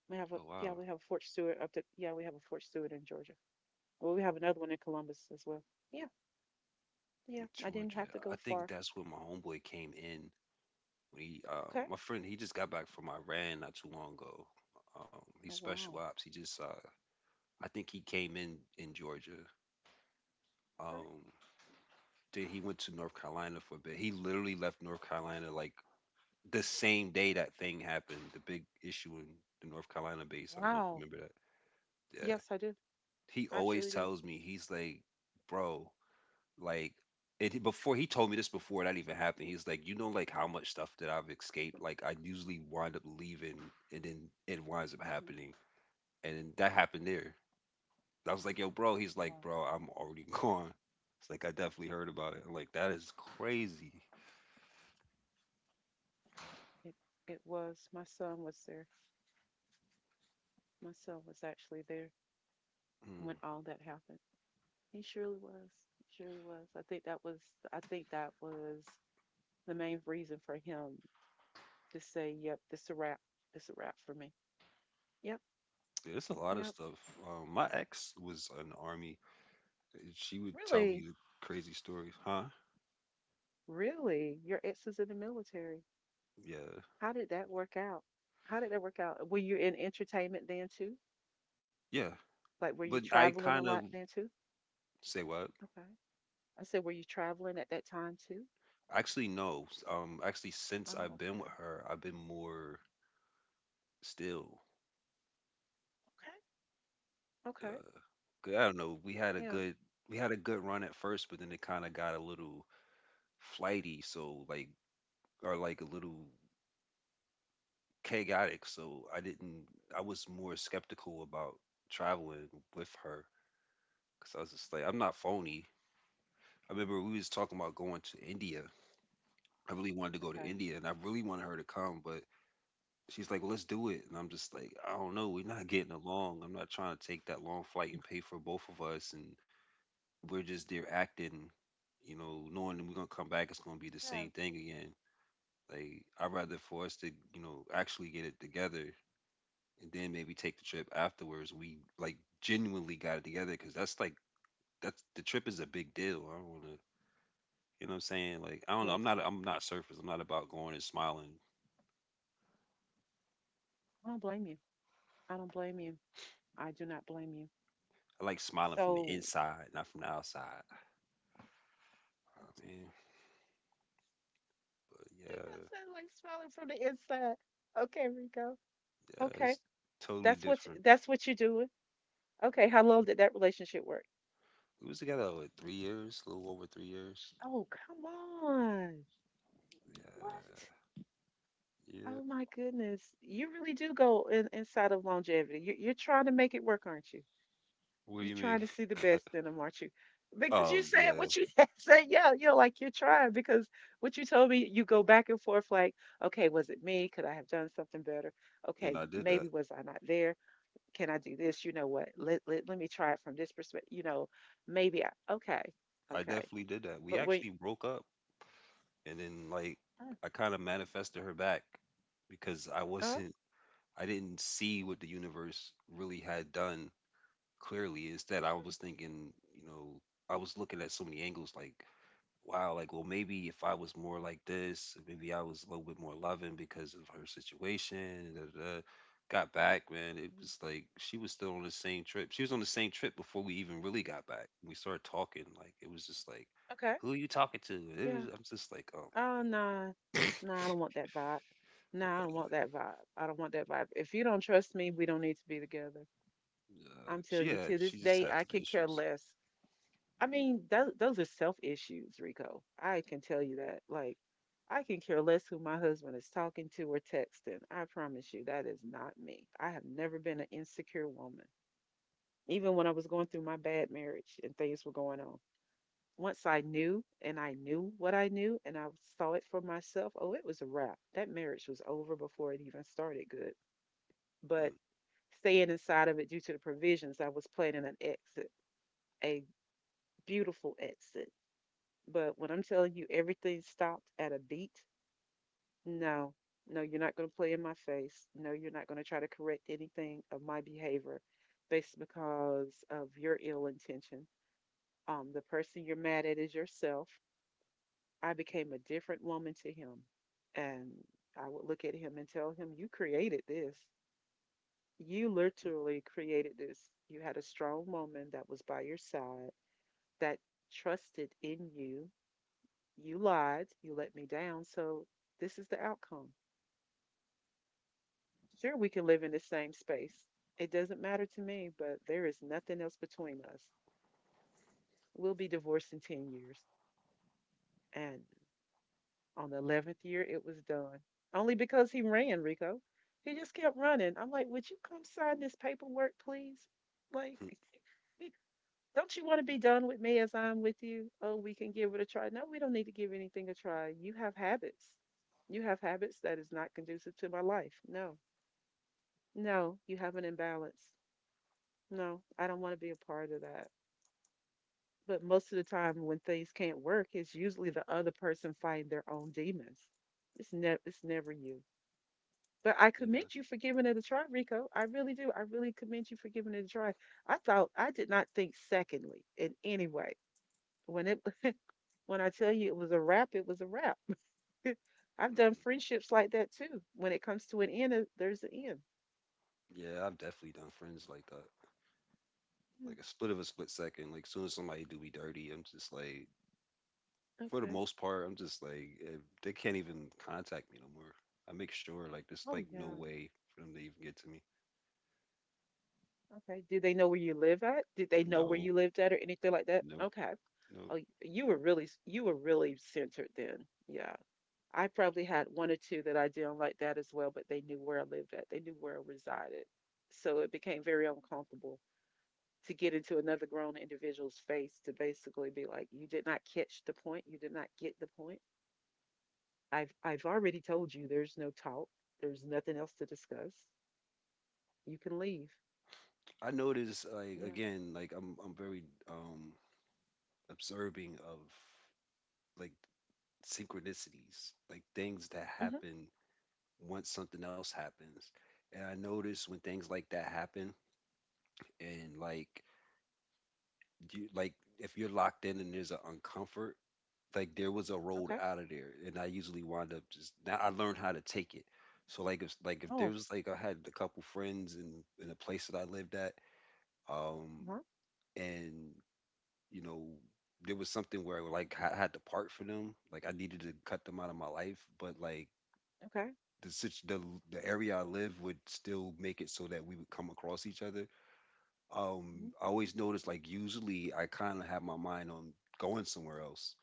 [SPEAKER 2] We have a
[SPEAKER 1] Oh wow,
[SPEAKER 2] yeah, we have a Fort Stewart in Georgia. Well, we have another one in Columbus as well. Yeah. Yeah,
[SPEAKER 1] in
[SPEAKER 2] I didn't have
[SPEAKER 1] Georgia.
[SPEAKER 2] to go
[SPEAKER 1] I think
[SPEAKER 2] far.
[SPEAKER 1] that's where my homeboy came in. He,
[SPEAKER 2] Okay.
[SPEAKER 1] my friend, he just got back from Iran not too long ago. He's
[SPEAKER 2] Oh,
[SPEAKER 1] special
[SPEAKER 2] wow.
[SPEAKER 1] ops. I think he came in Georgia.
[SPEAKER 2] Okay.
[SPEAKER 1] Um, then he went to North Carolina for a bit. He literally left North Carolina like the same day that thing happened. The big issue in the North Carolina base. I don't know if
[SPEAKER 2] Wow.
[SPEAKER 1] you remember that. Yeah.
[SPEAKER 2] Yes, I do.
[SPEAKER 1] He
[SPEAKER 2] I
[SPEAKER 1] always
[SPEAKER 2] actually do.
[SPEAKER 1] tells me he's like, bro, like, and before he told me this before that even happened, he's like, you know, like how much stuff that I've escaped, like I usually wind up leaving, and then it winds up
[SPEAKER 2] Mm.
[SPEAKER 1] happening, and then that happened there. I was like, yo, bro. He's
[SPEAKER 2] Wow.
[SPEAKER 1] like, bro, I'm already <laughs> gone. It's like, I definitely heard about it. I'm like, that is crazy.
[SPEAKER 2] It it was. My son was there. My son was actually there when
[SPEAKER 1] Mm.
[SPEAKER 2] all that happened. He surely was. He surely was. I think that was the main reason for him to say, Yep, this a wrap. This a wrap for me. Yep,
[SPEAKER 1] Yeah, there's a lot of
[SPEAKER 2] yep.
[SPEAKER 1] stuff. My ex was in the army, and she would tell me
[SPEAKER 2] Really?
[SPEAKER 1] the crazy stories, huh?
[SPEAKER 2] Really? Your ex is in the military.
[SPEAKER 1] Yeah,
[SPEAKER 2] How did that work out? How did that work out? Were you in entertainment then too?
[SPEAKER 1] yeah.
[SPEAKER 2] Like, were you
[SPEAKER 1] But I
[SPEAKER 2] traveling a
[SPEAKER 1] kind
[SPEAKER 2] lot
[SPEAKER 1] of,
[SPEAKER 2] then too?
[SPEAKER 1] say what?
[SPEAKER 2] Okay. I said, were you traveling at that time too?
[SPEAKER 1] Actually, no. Actually, since
[SPEAKER 2] Oh,
[SPEAKER 1] I've been with her, I've been more still.
[SPEAKER 2] okay. Okay. Okay.
[SPEAKER 1] Uh, 'Cause I don't know.
[SPEAKER 2] Yeah.
[SPEAKER 1] We had a good run at first, but then it kind of got a little flighty. So like, or like a little chaotic. So I didn't. I was more skeptical about traveling with her because I was just like, I'm not phony. I remember we was talking about going to India. I really wanted to go to
[SPEAKER 2] Okay.
[SPEAKER 1] India, and I really wanted her to come, but she's like, well, let's do it. And I'm just like, I don't know. We're not getting along. I'm not trying to take that long flight and pay for both of us. And we're just there acting, you know, knowing that we're going to come back. It's going to be the same
[SPEAKER 2] Yeah.
[SPEAKER 1] thing again. Like, I'd rather for us to, you know, actually get it together and then maybe take the trip afterwards. We like genuinely got it together because that's like, that's the trip is a big deal. I don't want to, you know what I'm saying? Like, I don't know.
[SPEAKER 2] Yes.
[SPEAKER 1] I'm not surface. I'm not about going and smiling.
[SPEAKER 2] I don't blame you. I don't blame you. I do not blame you.
[SPEAKER 1] I like smiling from the
[SPEAKER 2] So,
[SPEAKER 1] inside, not from the outside. Oh,
[SPEAKER 2] <laughs>
[SPEAKER 1] man. Yeah,
[SPEAKER 2] because I like smiling from the inside. Okay, Rico.
[SPEAKER 1] yeah,
[SPEAKER 2] Okay.
[SPEAKER 1] it's totally different.
[SPEAKER 2] That's what you're doing. Okay. How long did that relationship work?
[SPEAKER 1] We was together what, 3 years, a little over 3 years.
[SPEAKER 2] Oh, come on.
[SPEAKER 1] Yeah,
[SPEAKER 2] What?
[SPEAKER 1] yeah.
[SPEAKER 2] Oh my goodness. You really do go inside of longevity. You're trying to make it work, aren't you?
[SPEAKER 1] What do
[SPEAKER 2] You're
[SPEAKER 1] you mean?
[SPEAKER 2] trying to see the best in them, aren't you? Because you
[SPEAKER 1] Oh,
[SPEAKER 2] said
[SPEAKER 1] yeah.
[SPEAKER 2] what you <laughs> said, yeah, you know, like you're trying. Because what you told me, you go back and forth, like, okay, was it me? Could I have done something better?
[SPEAKER 1] And
[SPEAKER 2] Okay,
[SPEAKER 1] I did that.
[SPEAKER 2] maybe was I not there? Can I do this? You know what? Let me try it from this perspective. You know, maybe I. Okay,
[SPEAKER 1] I
[SPEAKER 2] okay,
[SPEAKER 1] definitely did that. We
[SPEAKER 2] but when
[SPEAKER 1] actually broke up, and then like
[SPEAKER 2] mm,
[SPEAKER 1] I kind of manifested her back because
[SPEAKER 2] oh,
[SPEAKER 1] I didn't see what the universe really had done clearly. Instead, I was thinking, you know, I was looking at so many angles, like wow, like, well, maybe if I was more like this, maybe I was a little bit more loving because of her situation. Da, da, da. Got back, man. It
[SPEAKER 2] mm,
[SPEAKER 1] was like she was still on the same trip. She was on the same trip before we even really got back. We started talking. Like, it was just like,
[SPEAKER 2] okay,
[SPEAKER 1] who are you talking to?
[SPEAKER 2] yeah,
[SPEAKER 1] I'm just like, oh
[SPEAKER 2] oh no,
[SPEAKER 1] my God.
[SPEAKER 2] no,
[SPEAKER 1] <laughs>
[SPEAKER 2] I don't want that vibe. No, I don't want that vibe. I don't want that vibe. If you don't trust me, we don't need to be together.
[SPEAKER 1] Yeah,
[SPEAKER 2] I'm telling you, to this
[SPEAKER 1] she just
[SPEAKER 2] day,
[SPEAKER 1] had
[SPEAKER 2] I
[SPEAKER 1] some
[SPEAKER 2] can care
[SPEAKER 1] issues.
[SPEAKER 2] less. I mean, those are self issues, Rico. I can tell you that. Like, I can care less who my husband is talking to or texting. I promise you, that is not me. I have never been an insecure woman. Even when I was going through my bad marriage and things were going on, once I knew and I knew what I knew and I saw it for myself, oh, it was a wrap. That marriage was over before it even started good. But staying inside of it due to the provisions, I was planning an exit a beautiful exit. But when I'm telling you everything stopped at a beat, no, no, you're not going to play in my face. No, you're not going to try to correct anything of my behavior based because of your ill intention. The person you're mad at is yourself. I became a different woman to him. And I would look at him and tell him, You created this. You
[SPEAKER 1] Mm,
[SPEAKER 2] literally created this. You had a strong woman that was by your side that trusted in you. You lied, you let me down, so this is the outcome. Sure, we can live in the same space. It doesn't matter to me, but there is nothing else between us. We'll be divorced in 10 years. And on the 11th year, it was done. Only because he ran, Rico. He just kept running. I'm like, would you come sign this paperwork, please? Like,
[SPEAKER 1] mm,
[SPEAKER 2] <laughs> don't you want to be done with me as I'm with you? Oh, we can give it a try. No, we don't need to give anything a try. You have habits. You have habits that is not conducive to my life. No. No, you have an imbalance. No, I don't want to be a part of that. But most of the time, when things can't work, it's usually the other person fighting their own demons. It's never you. But I
[SPEAKER 1] <laughs> yeah.
[SPEAKER 2] commend you for giving it a try, Rico. I really do. I really commend you for giving it a try. I thought I did not think secondly in any way. When it <laughs> when I tell you it was a wrap, it was a wrap. <laughs> I've done
[SPEAKER 1] Mhm.
[SPEAKER 2] friendships like that too. When it comes to an end, there's an end.
[SPEAKER 1] Yeah, I've definitely done friends like that.
[SPEAKER 2] Yeah,
[SPEAKER 1] Like a split of a split second. Like soon as somebody do me dirty, I'm just like, for the
[SPEAKER 2] okay.
[SPEAKER 1] most part, I'm just like, eh, they can't even contact me no more. I make sure like there's like
[SPEAKER 2] Oh
[SPEAKER 1] no
[SPEAKER 2] yeah.
[SPEAKER 1] way for them to even get to me.
[SPEAKER 2] Okay. Do they know where you live at? Did they know where
[SPEAKER 1] No,
[SPEAKER 2] you lived at or anything like that?
[SPEAKER 1] no,
[SPEAKER 2] Okay.
[SPEAKER 1] no.
[SPEAKER 2] Oh, you were really centered then. Yeah. I probably had one or two that I didn't like that as well, but they knew where I lived at. They knew where I resided. So it became very uncomfortable to get into another grown individual's face to basically be like, you did not catch the point. You did not get the point. I've already told you there's no talk. There's nothing else to discuss. You can leave.
[SPEAKER 1] I notice like
[SPEAKER 2] Yeah.
[SPEAKER 1] again, like I'm very um observing of like synchronicities, like things that
[SPEAKER 2] hmm
[SPEAKER 1] happen once something else happens. And I notice when things like that happen, and like, you like, if you're locked in and there's an uncomfort, like there was a road
[SPEAKER 2] Okay.
[SPEAKER 1] out of there, and I usually wind up just now. I learned how to take it. So like if there
[SPEAKER 2] Oh,
[SPEAKER 1] was like I had a couple friends in a place that I lived at, um,
[SPEAKER 2] uh-huh.
[SPEAKER 1] and you know, there was something where like I had to part for them. Like I needed to cut them out of my life, but like
[SPEAKER 2] Okay.
[SPEAKER 1] the situ- the the area I live would still make it so that we would come across each other.
[SPEAKER 2] Mhm.
[SPEAKER 1] I always noticed like usually I kind of have my mind on going somewhere else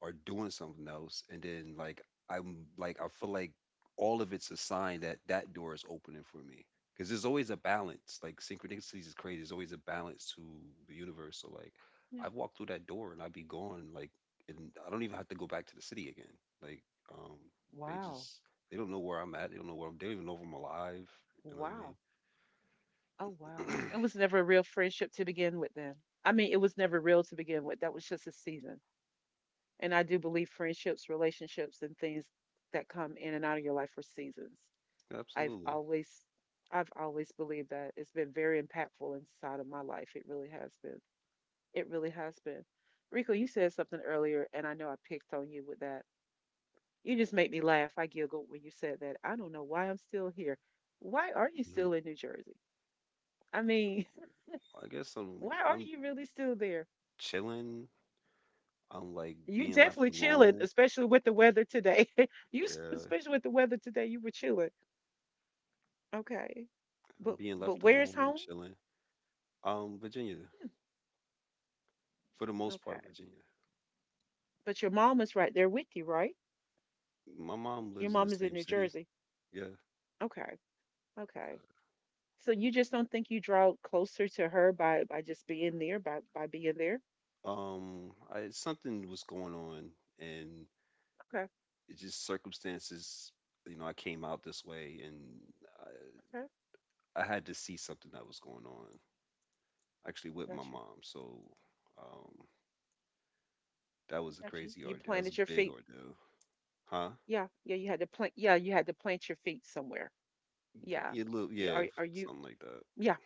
[SPEAKER 1] or doing something else, and then like I'm like, I feel like all of it's a sign that that door is opening for me because there's always a balance, like synchronicities is crazy. There's always a balance to the universe, so like
[SPEAKER 2] Yeah.
[SPEAKER 1] I walk through that door and I'd be gone, like, and I don't even have to go back to the city again, like, um they
[SPEAKER 2] Wow.
[SPEAKER 1] just, they don't know where I'm at, they don't even know if I'm alive. You know what
[SPEAKER 2] Wow. Oh,
[SPEAKER 1] I
[SPEAKER 2] wow.
[SPEAKER 1] mean?
[SPEAKER 2] It was never a real friendship to begin with, then. I mean, it was never real to begin with. That was just a season. And I do believe friendships, relationships, and things that come in and out of your life are seasons.
[SPEAKER 1] <clears throat>
[SPEAKER 2] I've
[SPEAKER 1] Absolutely.
[SPEAKER 2] always, I've always believed that it's been very impactful inside of my life. It really has been. It really has been. Rico, you said something earlier, and I know I picked on you with that. You just make me laugh. I giggled when you said that. I don't know why I'm still here. Why are you
[SPEAKER 1] Mhm.
[SPEAKER 2] still in New Jersey? I mean,
[SPEAKER 1] i guess
[SPEAKER 2] <laughs>
[SPEAKER 1] i'm
[SPEAKER 2] why are
[SPEAKER 1] i'm
[SPEAKER 2] you really still there?
[SPEAKER 1] chilling. I'm like,
[SPEAKER 2] You
[SPEAKER 1] being left
[SPEAKER 2] definitely chilling,
[SPEAKER 1] alone.
[SPEAKER 2] especially with the weather today. <laughs>
[SPEAKER 1] Yeah,
[SPEAKER 2] Especially with the weather today, you were chilling. Okay.
[SPEAKER 1] I'm
[SPEAKER 2] But
[SPEAKER 1] being left
[SPEAKER 2] where's
[SPEAKER 1] alone. I'm
[SPEAKER 2] home?
[SPEAKER 1] chilling. Virginia, for the
[SPEAKER 2] Hmm.
[SPEAKER 1] most
[SPEAKER 2] Okay.
[SPEAKER 1] part, Virginia.
[SPEAKER 2] But your mom is right there with you, right?
[SPEAKER 1] My mom
[SPEAKER 2] Your
[SPEAKER 1] lives in the
[SPEAKER 2] mom is in
[SPEAKER 1] same
[SPEAKER 2] New
[SPEAKER 1] city.
[SPEAKER 2] Jersey.
[SPEAKER 1] Yeah.
[SPEAKER 2] Okay. Okay. So you just don't think you draw closer to her by just being there, by being there?
[SPEAKER 1] Yeah. I, something was going on, and
[SPEAKER 2] Okay.
[SPEAKER 1] it just circumstances. You know, I came out this way, and I,
[SPEAKER 2] Okay.
[SPEAKER 1] I had to see something that was going on actually
[SPEAKER 2] I
[SPEAKER 1] with my
[SPEAKER 2] got you.
[SPEAKER 1] mom. So, um, that
[SPEAKER 2] I
[SPEAKER 1] was a
[SPEAKER 2] got you.
[SPEAKER 1] crazy
[SPEAKER 2] You
[SPEAKER 1] ordeal. That was
[SPEAKER 2] planted
[SPEAKER 1] a
[SPEAKER 2] your
[SPEAKER 1] big
[SPEAKER 2] feet.
[SPEAKER 1] ordeal, huh?
[SPEAKER 2] Yeah. Yeah, you had to plant your feet somewhere. Yeah.
[SPEAKER 1] Yeah, little,
[SPEAKER 2] Yeah,
[SPEAKER 1] yeah,
[SPEAKER 2] are you
[SPEAKER 1] something like that.
[SPEAKER 2] yeah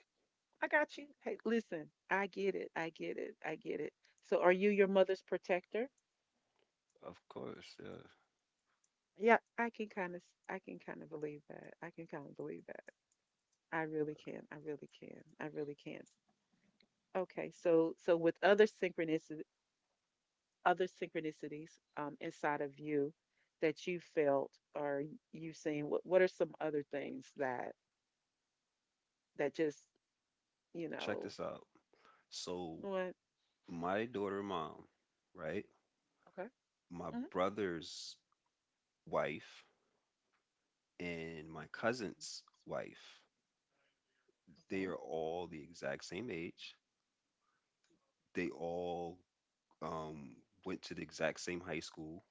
[SPEAKER 2] I got you. Hey, listen, I get it. I get it. I get it. So are you your mother's protector?
[SPEAKER 1] Of course, yeah.
[SPEAKER 2] Yeah, I can kind of I can kind of believe that. I can kind of believe that. I really can. I really can. I really can. Okay. So so with other synchronicity other synchronicities inside of you that you felt or you've seen what are some other things that that just, you
[SPEAKER 1] Check
[SPEAKER 2] know,
[SPEAKER 1] this out. So
[SPEAKER 2] what?
[SPEAKER 1] my daughter mom, right?
[SPEAKER 2] Okay.
[SPEAKER 1] My
[SPEAKER 2] Mhm.
[SPEAKER 1] brother's wife and my cousin's wife. They
[SPEAKER 2] Okay.
[SPEAKER 1] are all the exact same age. They all um, went to the exact same high school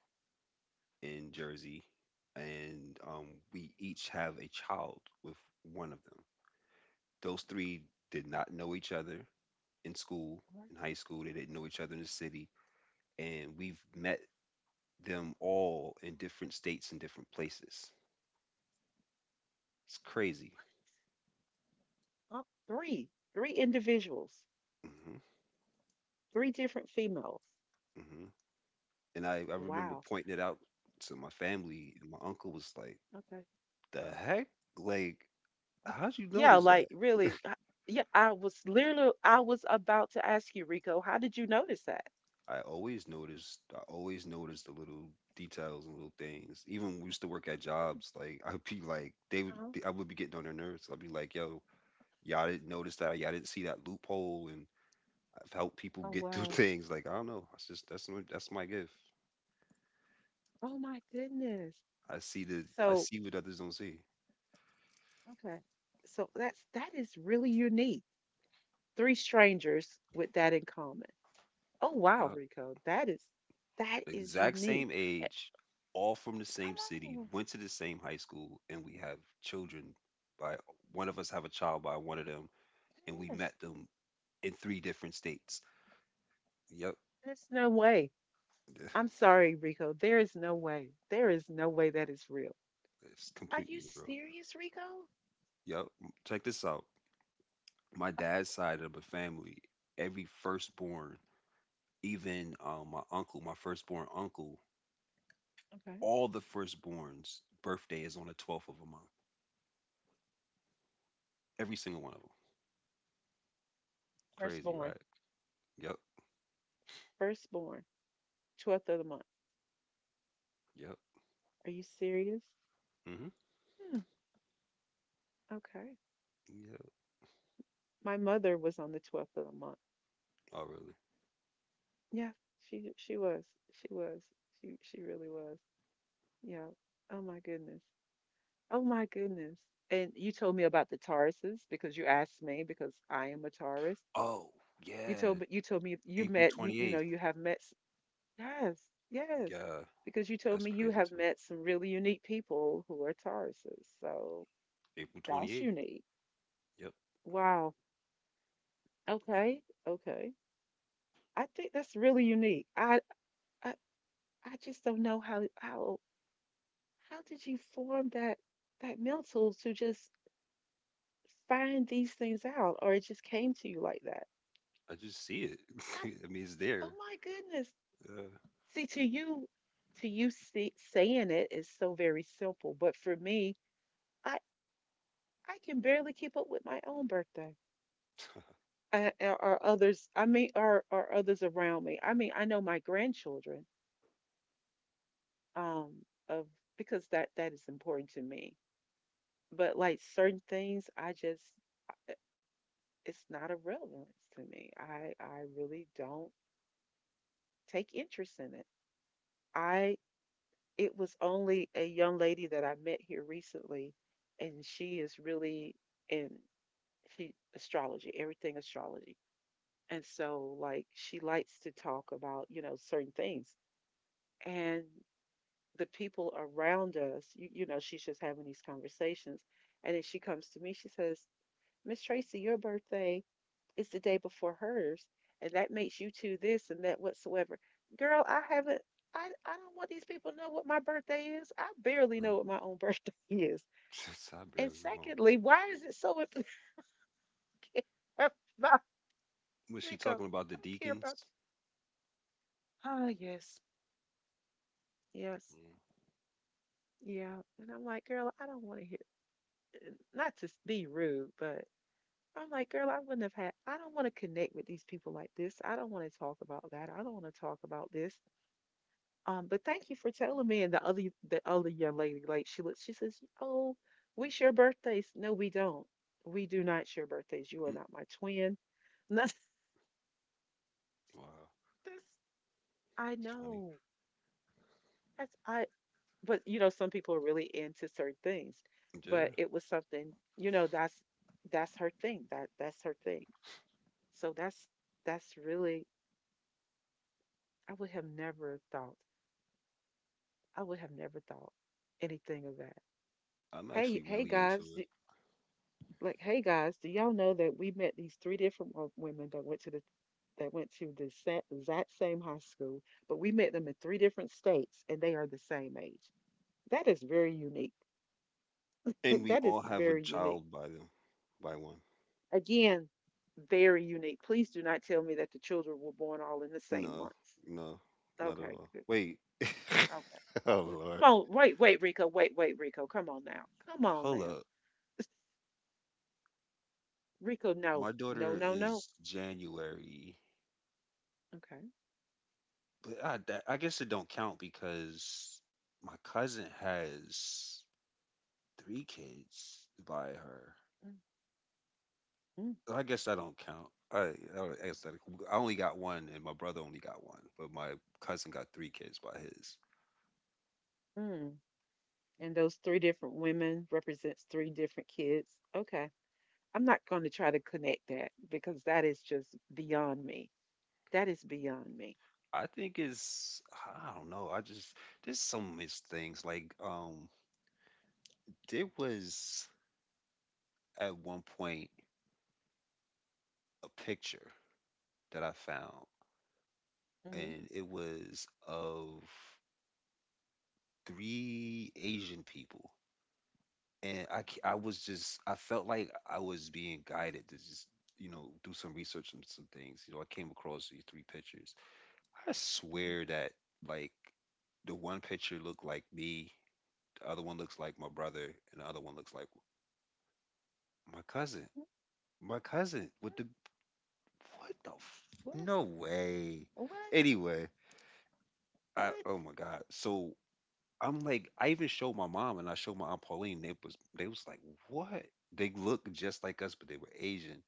[SPEAKER 1] in Jersey, and we each have a child with one of them. Those three did not know each other in school,
[SPEAKER 2] All right.
[SPEAKER 1] in high school. They didn't know each other in the city, and we've met them all in different states and different places. It's crazy.
[SPEAKER 2] Uh, three, three individuals,
[SPEAKER 1] Hmm.
[SPEAKER 2] three different females.
[SPEAKER 1] Hmm. And I remember
[SPEAKER 2] Wow.
[SPEAKER 1] pointing it out to my family, and my uncle was like,
[SPEAKER 2] Okay.
[SPEAKER 1] "The heck? Like,
[SPEAKER 2] ok-
[SPEAKER 1] how'd you
[SPEAKER 2] Yeah,
[SPEAKER 1] notice
[SPEAKER 2] like
[SPEAKER 1] that?"
[SPEAKER 2] really. H- Yeah, I was literally, I was about to ask you, Rico, how did you notice that?
[SPEAKER 1] I always noticed. I always noticed the little details and little things. Even when we used to work at
[SPEAKER 2] Hmm,
[SPEAKER 1] jobs, like <laughs> I'd be like,
[SPEAKER 2] uh
[SPEAKER 1] I would be getting on their nerves. I'd be like, "Yo, y'all didn't notice that? Y'all didn't see that loophole?" And I've helped people
[SPEAKER 2] Oh,
[SPEAKER 1] get through <laughs>
[SPEAKER 2] wow.
[SPEAKER 1] things. Like I don't know. That's just that's my gift.
[SPEAKER 2] Oh my goodness. S-
[SPEAKER 1] I
[SPEAKER 2] So,
[SPEAKER 1] see what others don't see.
[SPEAKER 2] okay. So that's that is really unique. Three strangers with that in common. Oh wow, Rico. That is
[SPEAKER 1] Exact
[SPEAKER 2] unique.
[SPEAKER 1] same
[SPEAKER 2] Eh.
[SPEAKER 1] age, all from the same
[SPEAKER 2] Come
[SPEAKER 1] city,
[SPEAKER 2] on.
[SPEAKER 1] went to the same high school, and we have children by one of us have a child by one of them, and we
[SPEAKER 2] Yes.
[SPEAKER 1] met them in three different states. Yep.
[SPEAKER 2] There's no way. I'm
[SPEAKER 1] <laughs>
[SPEAKER 2] sorry, Rico. There is no way. There is no way that is real.
[SPEAKER 1] It's
[SPEAKER 2] Are you
[SPEAKER 1] completely real.
[SPEAKER 2] serious, Rico?
[SPEAKER 1] Yep, check this out. My dad's side of the family, every firstborn, even my uncle, my firstborn uncle,
[SPEAKER 2] Okay.
[SPEAKER 1] all the firstborns' birthday is on the 12th of a month. Every single one of them. Crazy,
[SPEAKER 2] Firstborn.
[SPEAKER 1] right? Yep,
[SPEAKER 2] Firstborn. 12th of the month.
[SPEAKER 1] yep.
[SPEAKER 2] Are you serious?
[SPEAKER 1] Hmm.
[SPEAKER 2] Hmm. Okay.
[SPEAKER 1] Yep.
[SPEAKER 2] My mother was on the 12th of the month.
[SPEAKER 1] Oh, really?
[SPEAKER 2] Yeah, she was. She was. She really was. Yeah. Oh my goodness. Oh my goodness. And you told me about the Tauruses because you asked me because I am a Taurus.
[SPEAKER 1] Oh, yeah,
[SPEAKER 2] You told me you
[SPEAKER 1] April
[SPEAKER 2] met you you know
[SPEAKER 1] 28th.
[SPEAKER 2] you have met Yes, yes.
[SPEAKER 1] Yeah,
[SPEAKER 2] Because you told me
[SPEAKER 1] that's
[SPEAKER 2] you
[SPEAKER 1] crazy
[SPEAKER 2] have
[SPEAKER 1] too.
[SPEAKER 2] met some really unique people who are Tauruses. So
[SPEAKER 1] April
[SPEAKER 2] that's
[SPEAKER 1] 28th.
[SPEAKER 2] unique.
[SPEAKER 1] Yep.
[SPEAKER 2] Wow. Okay. Okay. I think that's really unique. I, I just don't know how did you form that that mental to just find these things out or it just came to you like that.
[SPEAKER 1] I just see it.
[SPEAKER 2] I
[SPEAKER 1] <laughs> I mean, it's
[SPEAKER 2] oh
[SPEAKER 1] there.
[SPEAKER 2] my goodness.
[SPEAKER 1] Yeah.
[SPEAKER 2] See to you see, saying it is so very simple, but for me, I. I can barely keep up with my own birthday or others. I mean, or others around me. I mean, I know my grandchildren, um, of because that that is important to me. But like certain things, I just it's not a relevance to me. I really don't take interest in it. I it was only a young lady that I met here recently, and she is really in she astrology, everything astrology. And so, like, she likes to talk about, you know, certain things. And the people around us, you know, she's just having these conversations. And then she comes to me, she says, "Miss Tracy, your birthday is the day before hers. And that makes you two this and that whatsoever." Girl, I don't want these people to know what my birthday is. I barely know what my own <laughs> birthday is.
[SPEAKER 1] Mm. <laughs> I
[SPEAKER 2] And
[SPEAKER 1] barely know, bro.
[SPEAKER 2] secondly, why is it so <laughs> important about
[SPEAKER 1] Was she
[SPEAKER 2] Rico?
[SPEAKER 1] talking about
[SPEAKER 2] I
[SPEAKER 1] the
[SPEAKER 2] don't care
[SPEAKER 1] deacons?
[SPEAKER 2] about that. Ah, yes, yes.
[SPEAKER 1] Mm.
[SPEAKER 2] Yeah. And I'm like, "Girl, I don't want to hear," not to be rude, but I'm like, "Girl, I wouldn't have had, I don't want to connect with these people like this. I don't want to talk about that. I don't want to talk about this. But thank you for telling me." And the other young lady, like she looks, she says, "Oh, we share birthdays." No, we don't. We do not share birthdays. You are
[SPEAKER 1] Mm.
[SPEAKER 2] not my twin. <laughs> And
[SPEAKER 1] Wow,
[SPEAKER 2] that's, I
[SPEAKER 1] that's funny.
[SPEAKER 2] know. That's, I, but you know, some people are really into certain things. But
[SPEAKER 1] Yeah,
[SPEAKER 2] it was something, you know, that's her thing. That's her thing. So that's really, I would have never thought. I would have never thought anything of that.
[SPEAKER 1] I'm
[SPEAKER 2] Hey,
[SPEAKER 1] actually
[SPEAKER 2] hey
[SPEAKER 1] really into
[SPEAKER 2] guys,
[SPEAKER 1] it.
[SPEAKER 2] d- like hey guys, do y'all know that we met these three different women that went to the exact same high school, but we met them in three different states and they are the same age? That is very unique.
[SPEAKER 1] And
[SPEAKER 2] <laughs>
[SPEAKER 1] we
[SPEAKER 2] That
[SPEAKER 1] all
[SPEAKER 2] is
[SPEAKER 1] have a
[SPEAKER 2] very unique.
[SPEAKER 1] child by them, by one.
[SPEAKER 2] Again, very unique. Please do not tell me that the children were born all in the same
[SPEAKER 1] No,
[SPEAKER 2] months.
[SPEAKER 1] no, not at
[SPEAKER 2] Okay,
[SPEAKER 1] all.
[SPEAKER 2] good.
[SPEAKER 1] Wait.
[SPEAKER 2] Okay.
[SPEAKER 1] <laughs> Oh, Lord.
[SPEAKER 2] Come on, wait, wait, Rico, wait, wait, Rico. Come on now. Come on
[SPEAKER 1] Hold
[SPEAKER 2] now.
[SPEAKER 1] up.
[SPEAKER 2] <laughs> Rico, no,
[SPEAKER 1] My
[SPEAKER 2] no,
[SPEAKER 1] daughter
[SPEAKER 2] no, no.
[SPEAKER 1] is January.
[SPEAKER 2] Okay.
[SPEAKER 1] But I guess it don't count because my cousin has three kids by her.
[SPEAKER 2] Mm, mm,
[SPEAKER 1] I guess that don't count. I guess that I only got one, and my brother only got one, but my cousin got three kids by his.
[SPEAKER 2] mm. And those three different women represents three different kids. Okay. I'm not going to try to connect that because that is just beyond me. That is beyond me.
[SPEAKER 1] I think it's I don't know. I just there's so many things like there was at one point a picture that I found,
[SPEAKER 2] hmm
[SPEAKER 1] and it was of three Asian people and I was just I felt like I was being guided to just do some research on some things. You know, I came across these three pictures. I swear that like the one picture looked like me, the other one looks like my brother, and the other one looks like my cousin. My cousin with the what the f-
[SPEAKER 2] What?
[SPEAKER 1] no way.
[SPEAKER 2] What?
[SPEAKER 1] Anyway, I
[SPEAKER 2] What?
[SPEAKER 1] oh my god. So I'm like I even showed my mom and I showed my aunt Pauline. They was like what? They look just like us, but they were Asian.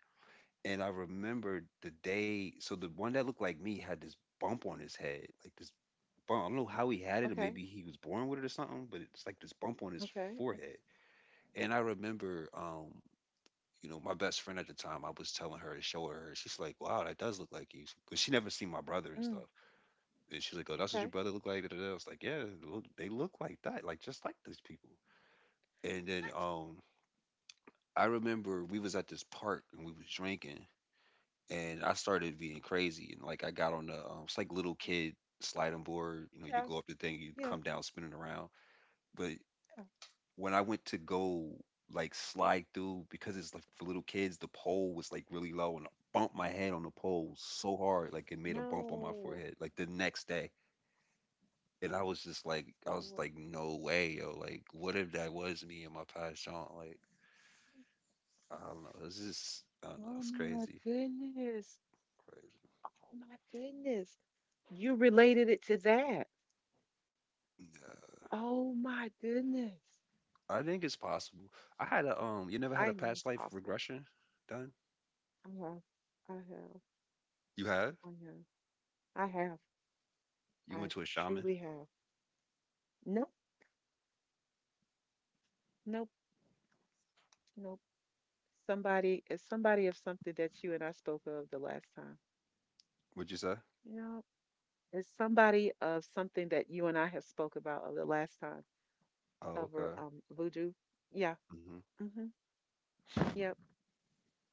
[SPEAKER 1] And I remembered the day. So the one that looked like me had this bump on his head, like this bump. I don't know how he had it, or
[SPEAKER 2] Okay.
[SPEAKER 1] maybe he was born with it or something. But it's like this bump on his
[SPEAKER 2] Okay.
[SPEAKER 1] forehead. And I remember, you know, my best friend at the time. I was telling her to show her. She's like, "Wow, that does look like you," because she never seen my brother and
[SPEAKER 2] Mm,
[SPEAKER 1] stuff. And she's like, "Oh, that's what your
[SPEAKER 2] okay.
[SPEAKER 1] brother looked like, da, da, da." I was like, "Yeah, they look like that, like just like these people." And then,
[SPEAKER 2] What?
[SPEAKER 1] I remember we was at this park and we was drinking, and I started being crazy and like I got on the it's like little kid sliding board. You know, you
[SPEAKER 2] Yeah,
[SPEAKER 1] go up the thing, you
[SPEAKER 2] yeah,
[SPEAKER 1] come down spinning around. But
[SPEAKER 2] yeah.
[SPEAKER 1] when I went to go like slide through because it's like for little kids, the pole was like really low and I bumped my head on the pole so hard like it made a bump on my
[SPEAKER 2] Oh, no.
[SPEAKER 1] forehead. Like the next day. And I was
[SPEAKER 2] Wha-
[SPEAKER 1] like, no way, yo! Like, what if that was me in my past jaunt? Like, I don't know. It's just, I don't know.
[SPEAKER 2] Oh
[SPEAKER 1] It's
[SPEAKER 2] my
[SPEAKER 1] crazy,
[SPEAKER 2] goodness.
[SPEAKER 1] crazy.
[SPEAKER 2] Oh my goodness. You related it to that.
[SPEAKER 1] Yeah.
[SPEAKER 2] Oh my goodness.
[SPEAKER 1] I think it's possible. I had a You never had
[SPEAKER 2] I
[SPEAKER 1] a
[SPEAKER 2] know
[SPEAKER 1] past
[SPEAKER 2] it's
[SPEAKER 1] life
[SPEAKER 2] possible.
[SPEAKER 1] regression done?
[SPEAKER 2] I have. I have.
[SPEAKER 1] You have?
[SPEAKER 2] I have. I have.
[SPEAKER 1] You
[SPEAKER 2] I
[SPEAKER 1] went to a shaman?
[SPEAKER 2] truly have. Nope. Nope. Nope. Somebody, it's somebody of something that you and I spoke of the last time.
[SPEAKER 1] Would you say?
[SPEAKER 2] You know, it's somebody of something that you and I have spoke about of the last time
[SPEAKER 1] Oh,
[SPEAKER 2] over
[SPEAKER 1] okay.
[SPEAKER 2] voodoo. Yeah.
[SPEAKER 1] Hmm.
[SPEAKER 2] Mhm. Yep.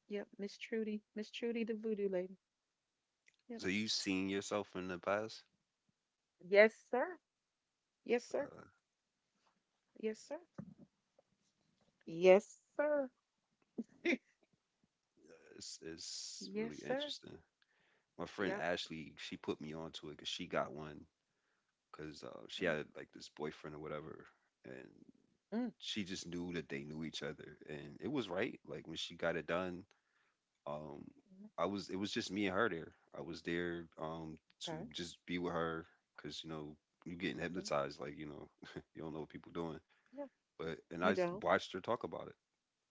[SPEAKER 2] Yep. Miss Trudy. Miss Trudy, the voodoo lady. Yep.
[SPEAKER 1] So you seen yourself in the past?
[SPEAKER 2] Yes, sir. Yes, sir.
[SPEAKER 1] Uh,
[SPEAKER 2] Yes, sir. Yes, sir. <laughs>
[SPEAKER 1] it's
[SPEAKER 2] Yes,
[SPEAKER 1] really
[SPEAKER 2] sir.
[SPEAKER 1] interesting. My friend
[SPEAKER 2] Yep.
[SPEAKER 1] Ashley, she put me onto it because she got one because she
[SPEAKER 2] Mm,
[SPEAKER 1] had like this boyfriend or whatever, and
[SPEAKER 2] mm,
[SPEAKER 1] she just knew that they knew each other, and it was right. Like when she got it done, um
[SPEAKER 2] mm.
[SPEAKER 1] I was it was just me and her there. I was there to
[SPEAKER 2] Okay.
[SPEAKER 1] just be with her because you know you getting
[SPEAKER 2] Okay.
[SPEAKER 1] hypnotized like you know <laughs> you don't know what people doing
[SPEAKER 2] Yeah.
[SPEAKER 1] but
[SPEAKER 2] You don't.
[SPEAKER 1] watched her talk about it.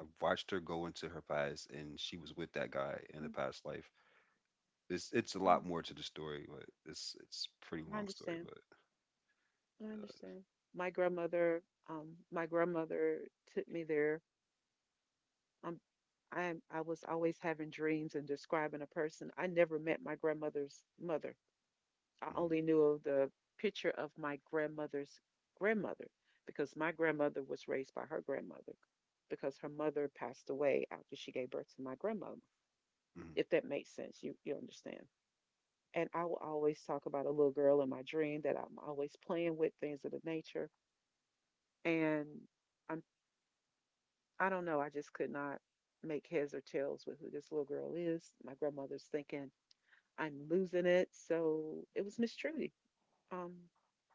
[SPEAKER 1] I watched her go into her past and she was with that guy in the
[SPEAKER 2] Mm,
[SPEAKER 1] past life. It's a lot
[SPEAKER 2] mm.
[SPEAKER 1] more to the story but it's a pretty
[SPEAKER 2] I
[SPEAKER 1] long story
[SPEAKER 2] understand.
[SPEAKER 1] but
[SPEAKER 2] I understand. My grandmother, my grandmother took me there. Um, I am. I was always having dreams and describing a person. I never met my grandmother's mother. I
[SPEAKER 1] mm-hmm,
[SPEAKER 2] only knew of the picture of my grandmother's grandmother because my grandmother was raised by her grandmother because her mother passed away after she gave birth to my grandmother.
[SPEAKER 1] mm-hmm,
[SPEAKER 2] If that makes sense, you understand. And I will always talk about a little girl in my dream that I'm always playing with, things of the nature. And I'm I don't know, I just could not make heads or tails with who this little girl is. My grandmother's thinking I'm losing it. So it was Miss Trudy. Um,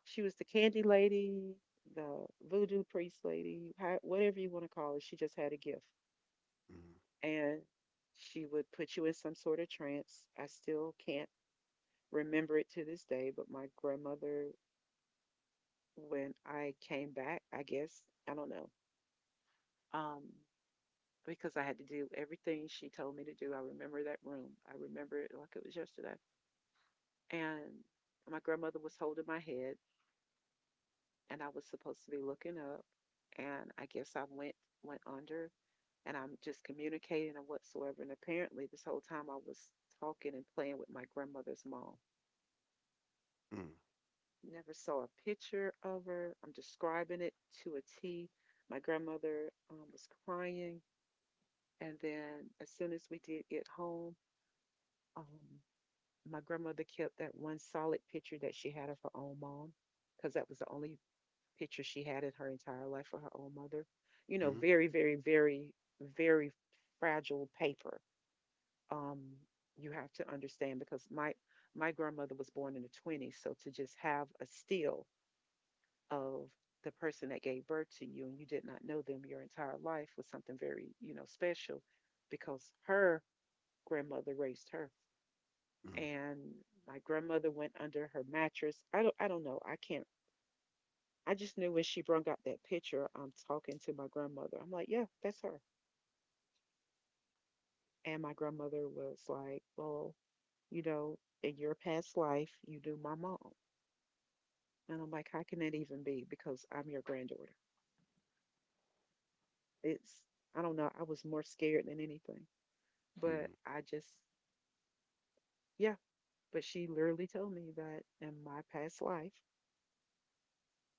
[SPEAKER 2] she was the candy lady, the voodoo priest lady, whatever you want to call it. She just had a gift, and she would put you in some sort of trance. I still can't remember it to this day, but my grandmother, when I came back, I guess I don't know, um, because I had to do everything she told me to do. I remember that room. I remember it like it was yesterday, and my grandmother was holding my head and I was supposed to be looking up, and I guess I went under, and I'm just communicating or whatsoever. And apparently, this whole time I was talking and playing with my grandmother's mom.
[SPEAKER 1] mm-hmm,
[SPEAKER 2] Never saw a picture of her. I'm describing it to a T. My grandmother was crying, and then as soon as we did get home, um, my grandmother kept that one solid picture that she had of her own mom because that was the only picture she had in her entire life for her own mother. You know,
[SPEAKER 1] mm-hmm, mm-hmm,
[SPEAKER 2] very, very, very, very fragile paper. Um, you have to understand, because my grandmother was born in the 20s, so to just have a still of the person that gave birth to you and you did not know them your entire life was something very, you know, special because her grandmother raised her. And my grandmother went under her mattress. I don't know. I can't I just knew when she brung out that picture, I'm talking to my grandmother. I'm like, "Yeah, that's her." And my grandmother was like, "Well, you know, in your past life, you knew my mom." And I'm like, "How can that even be? Because I'm your granddaughter." It's, I don't know. I was more scared than anything. But
[SPEAKER 1] mm-hmm.
[SPEAKER 2] I just, yeah. But she literally told me that in my past life,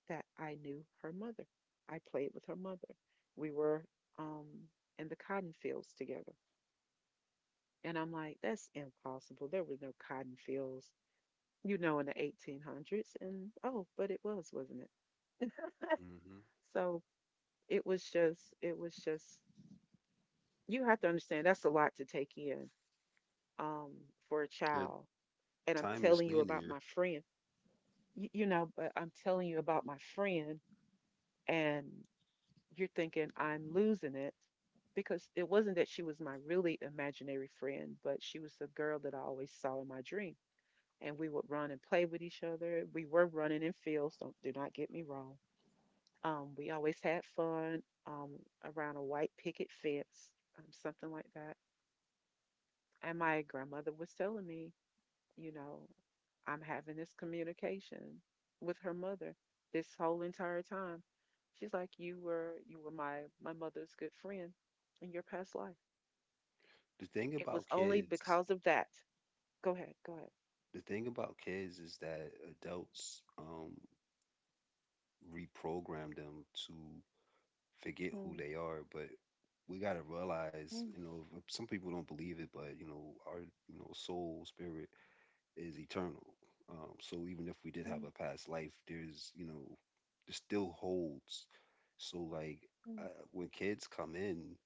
[SPEAKER 2] that I knew her mother. I played with her mother. We were um, in the cotton fields together. And I'm like, "That's impossible. There were no cotton fields, you know, in the 1800s." And oh, but it was, wasn't it?
[SPEAKER 1] Mm-hmm.
[SPEAKER 2] <laughs> So it was it was just, you have to understand that's a lot to take in um, for a
[SPEAKER 1] Yeah.
[SPEAKER 2] child. And I'm
[SPEAKER 1] Time is
[SPEAKER 2] telling you about
[SPEAKER 1] linear.
[SPEAKER 2] my friend, you know, but I'm telling you about my friend, and you're thinking I'm losing it because it wasn't that she was my really imaginary friend, but she was the girl that I always saw in my dreams. And we would run and play with each other. We were running in fields, don't, do not get me wrong. We always had fun um, around a white picket fence, something like that. And my grandmother was telling me, you know, I'm having this communication with her mother this whole entire time. She's like, you were my mother's good friend in your past life."
[SPEAKER 1] the thing
[SPEAKER 2] It was
[SPEAKER 1] about
[SPEAKER 2] only
[SPEAKER 1] kids
[SPEAKER 2] because of that. Go ahead, go ahead.
[SPEAKER 1] the thing about kids is that adults reprogram them to forget who
[SPEAKER 2] Mm,
[SPEAKER 1] they are, but we gotta realize,
[SPEAKER 2] mm,
[SPEAKER 1] you know, some people don't believe it, but you know, our you know soul spirit is eternal. So even if we did have
[SPEAKER 2] mm,
[SPEAKER 1] a past life, there's you know, there still holds. So like
[SPEAKER 2] mm,
[SPEAKER 1] I, when kids come in,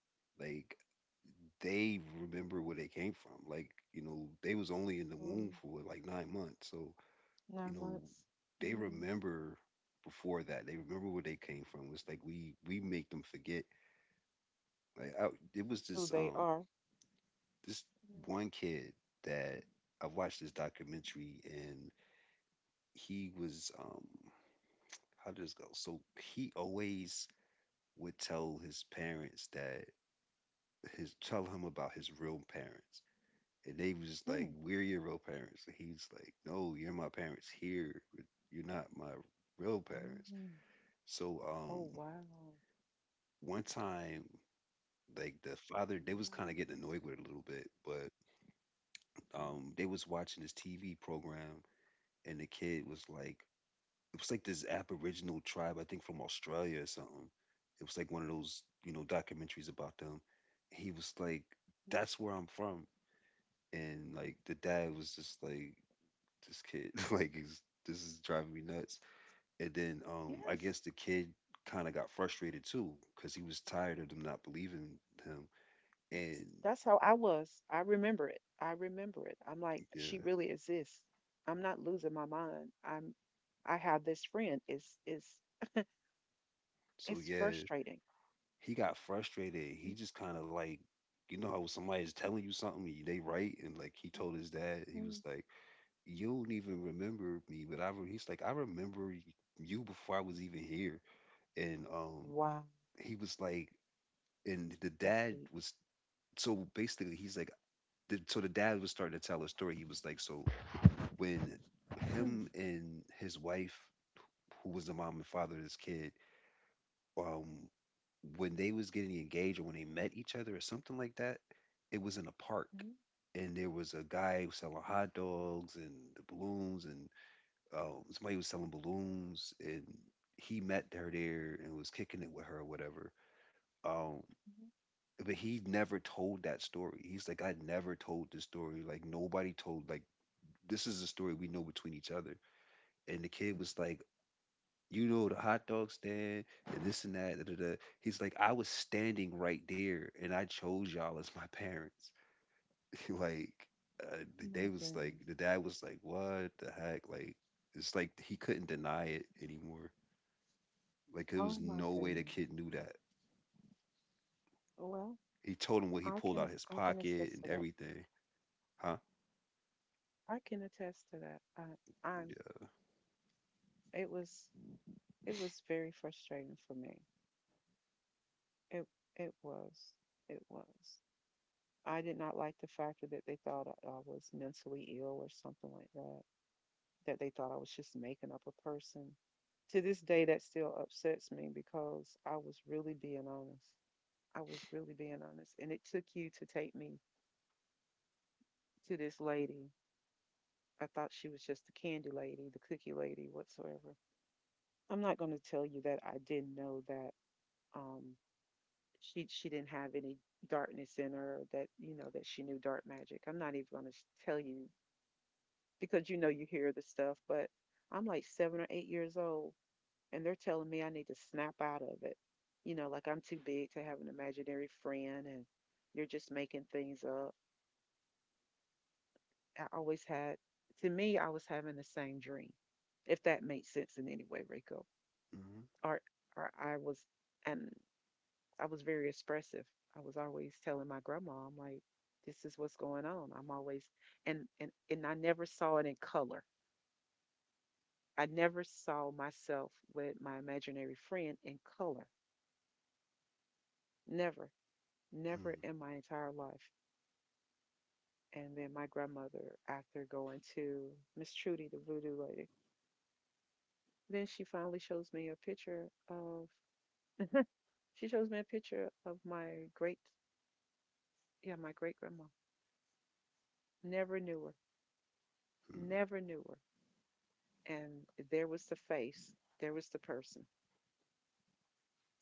[SPEAKER 1] like they remember where they came from. Like you know, they was only in the womb
[SPEAKER 2] mm.
[SPEAKER 1] for like 9 months, so you
[SPEAKER 2] Nine
[SPEAKER 1] know,
[SPEAKER 2] months.
[SPEAKER 1] they
[SPEAKER 2] Mm,
[SPEAKER 1] remember before that. They remember where they came from. It's like we make them forget. Like I, it was
[SPEAKER 2] who
[SPEAKER 1] this
[SPEAKER 2] they
[SPEAKER 1] um
[SPEAKER 2] are.
[SPEAKER 1] this
[SPEAKER 2] Yeah.
[SPEAKER 1] one kid that I watched this documentary and he was how did this go? So he always would tell his parents that his tell him about his real parents. And they was just like,
[SPEAKER 2] Hmm.
[SPEAKER 1] "We're your real parents." And he's like, "No, you're my parents here. You're not my real parents."
[SPEAKER 2] Mm.
[SPEAKER 1] So,
[SPEAKER 2] Oh wow.
[SPEAKER 1] one time like the father they
[SPEAKER 2] Wow.
[SPEAKER 1] was kind of getting annoyed with it a little bit but
[SPEAKER 2] Okay.
[SPEAKER 1] they was watching this TV program and the kid was like it was like this aboriginal tribe, I think, from Australia or something. It was like one of those, you know, documentaries about them. He was like,
[SPEAKER 2] Mm.
[SPEAKER 1] that's where I'm from. And like the dad was just like, this kid <laughs> like is this is driving me nuts. And then I
[SPEAKER 2] Yes.
[SPEAKER 1] guess the kid kind of got frustrated too because he was tired of them not believing him
[SPEAKER 2] Yes.
[SPEAKER 1] and
[SPEAKER 2] That's how I was. I remember it. I remember it. I'm like, she
[SPEAKER 1] yeah.
[SPEAKER 2] really exists. I'm not losing my mind. I have this friend. It's
[SPEAKER 1] So
[SPEAKER 2] it's
[SPEAKER 1] yeah,
[SPEAKER 2] frustrating.
[SPEAKER 1] he got frustrated.
[SPEAKER 2] Mm,
[SPEAKER 1] He just kind of like, you know how somebody's telling you something, and they right, and like he
[SPEAKER 2] mm,
[SPEAKER 1] told his dad, he was
[SPEAKER 2] mm.
[SPEAKER 1] like, "You don't even remember me," but he's like, "I remember you before I was even here," and
[SPEAKER 2] Wow.
[SPEAKER 1] he was like, and the
[SPEAKER 2] That's
[SPEAKER 1] dad
[SPEAKER 2] deep.
[SPEAKER 1] was so basically he's like, so the dad was starting to tell a story. He was like, so when
[SPEAKER 2] Hmm.
[SPEAKER 1] him and his wife, who was the mom and father of this kid, um, when they was getting engaged or when they met each other or something like that, it was in a park.
[SPEAKER 2] Mm,
[SPEAKER 1] And there was a guy selling hot dogs and the balloons, and somebody was selling balloons, and he met her there and was kicking it with her or whatever. Um,
[SPEAKER 2] mm.
[SPEAKER 1] but he never told that story. He's like, I never told the story. Like nobody told. Like this is a story we know between each other. And the kid was like, you know the hot dog stand and this and that. Da, da, da. He's like, I was standing right there, and I chose y'all as my parents. <laughs> like,
[SPEAKER 2] Oh
[SPEAKER 1] they
[SPEAKER 2] my
[SPEAKER 1] was like,
[SPEAKER 2] goodness.
[SPEAKER 1] the dad was like, what the heck? Like, it's like he couldn't deny it anymore. Like, there was
[SPEAKER 2] Oh my
[SPEAKER 1] no way the
[SPEAKER 2] goodness.
[SPEAKER 1] kid knew that.
[SPEAKER 2] Well,
[SPEAKER 1] He told him what he pulled out of his
[SPEAKER 2] I can
[SPEAKER 1] pocket
[SPEAKER 2] assist
[SPEAKER 1] and
[SPEAKER 2] to that.
[SPEAKER 1] everything, huh?
[SPEAKER 2] I can attest to that. I'm. It was. It was very frustrating for me. It. It was. It was. I did not like the factor that they thought I was mentally ill or something like that. That they thought I was just making up a person. To this day, that still upsets me because I was really being honest. I was really being honest, and it took you to take me to this lady. I thought she was just the candy lady, the cookie lady, whatsoever. I'm not going to tell you that I didn't know that um she didn't have any darkness in her, that you know that she knew dark magic. I'm not even going to tell you, because you know you hear the stuff, but I'm like 7 or 8 years old and they're telling me I need to snap out of it, you know, like I'm too big to have an imaginary friend and you're just making things up. I always had, to me I was having the same dream, if that made sense in any way, Rico.
[SPEAKER 1] Mm-hmm.
[SPEAKER 2] Or I was, and I was very expressive. I was always telling my grandma, I'm like, this is what's going on. I'm always And I never saw it in color. I never saw myself with my imaginary friend in color. Never, never
[SPEAKER 1] Mm-hmm,
[SPEAKER 2] in my entire life. And then my grandmother, after going to Miss Trudy, the voodoo lady, then she finally shows me a picture of, she shows me a picture of my great, yeah, my great grandma. Never knew her.
[SPEAKER 1] mm-hmm.
[SPEAKER 2] Never knew her. And there was the face, there was the person.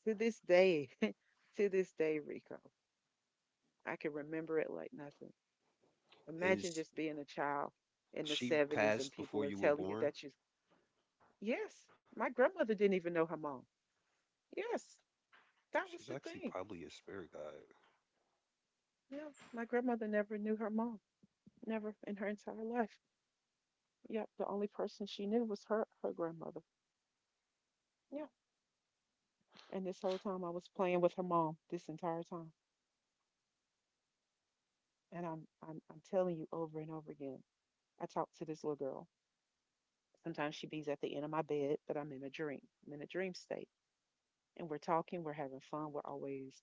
[SPEAKER 2] To this day, <laughs> to this day, Rico, I can remember it like nothing. Imagine
[SPEAKER 1] Is
[SPEAKER 2] just being a child in the
[SPEAKER 1] she
[SPEAKER 2] 70s and
[SPEAKER 1] passed
[SPEAKER 2] people
[SPEAKER 1] before
[SPEAKER 2] are
[SPEAKER 1] you were
[SPEAKER 2] telling you
[SPEAKER 1] born?
[SPEAKER 2] that you, yes, my grandmother didn't even know her mom. Yes, that was
[SPEAKER 1] She's
[SPEAKER 2] the
[SPEAKER 1] actually
[SPEAKER 2] thing.
[SPEAKER 1] probably a spirit guide.
[SPEAKER 2] Yeah, my grandmother never knew her mom, never in her entire life. Yep, the only person she knew was her grandmother. Yeah, and this whole time I was playing with her mom this entire time, and I'm telling you over and over again, I talk to this little girl. Sometimes she be's at the end of my bed, but I'm in a dream. I'm in a dream state. And we're talking, we're having fun, we're always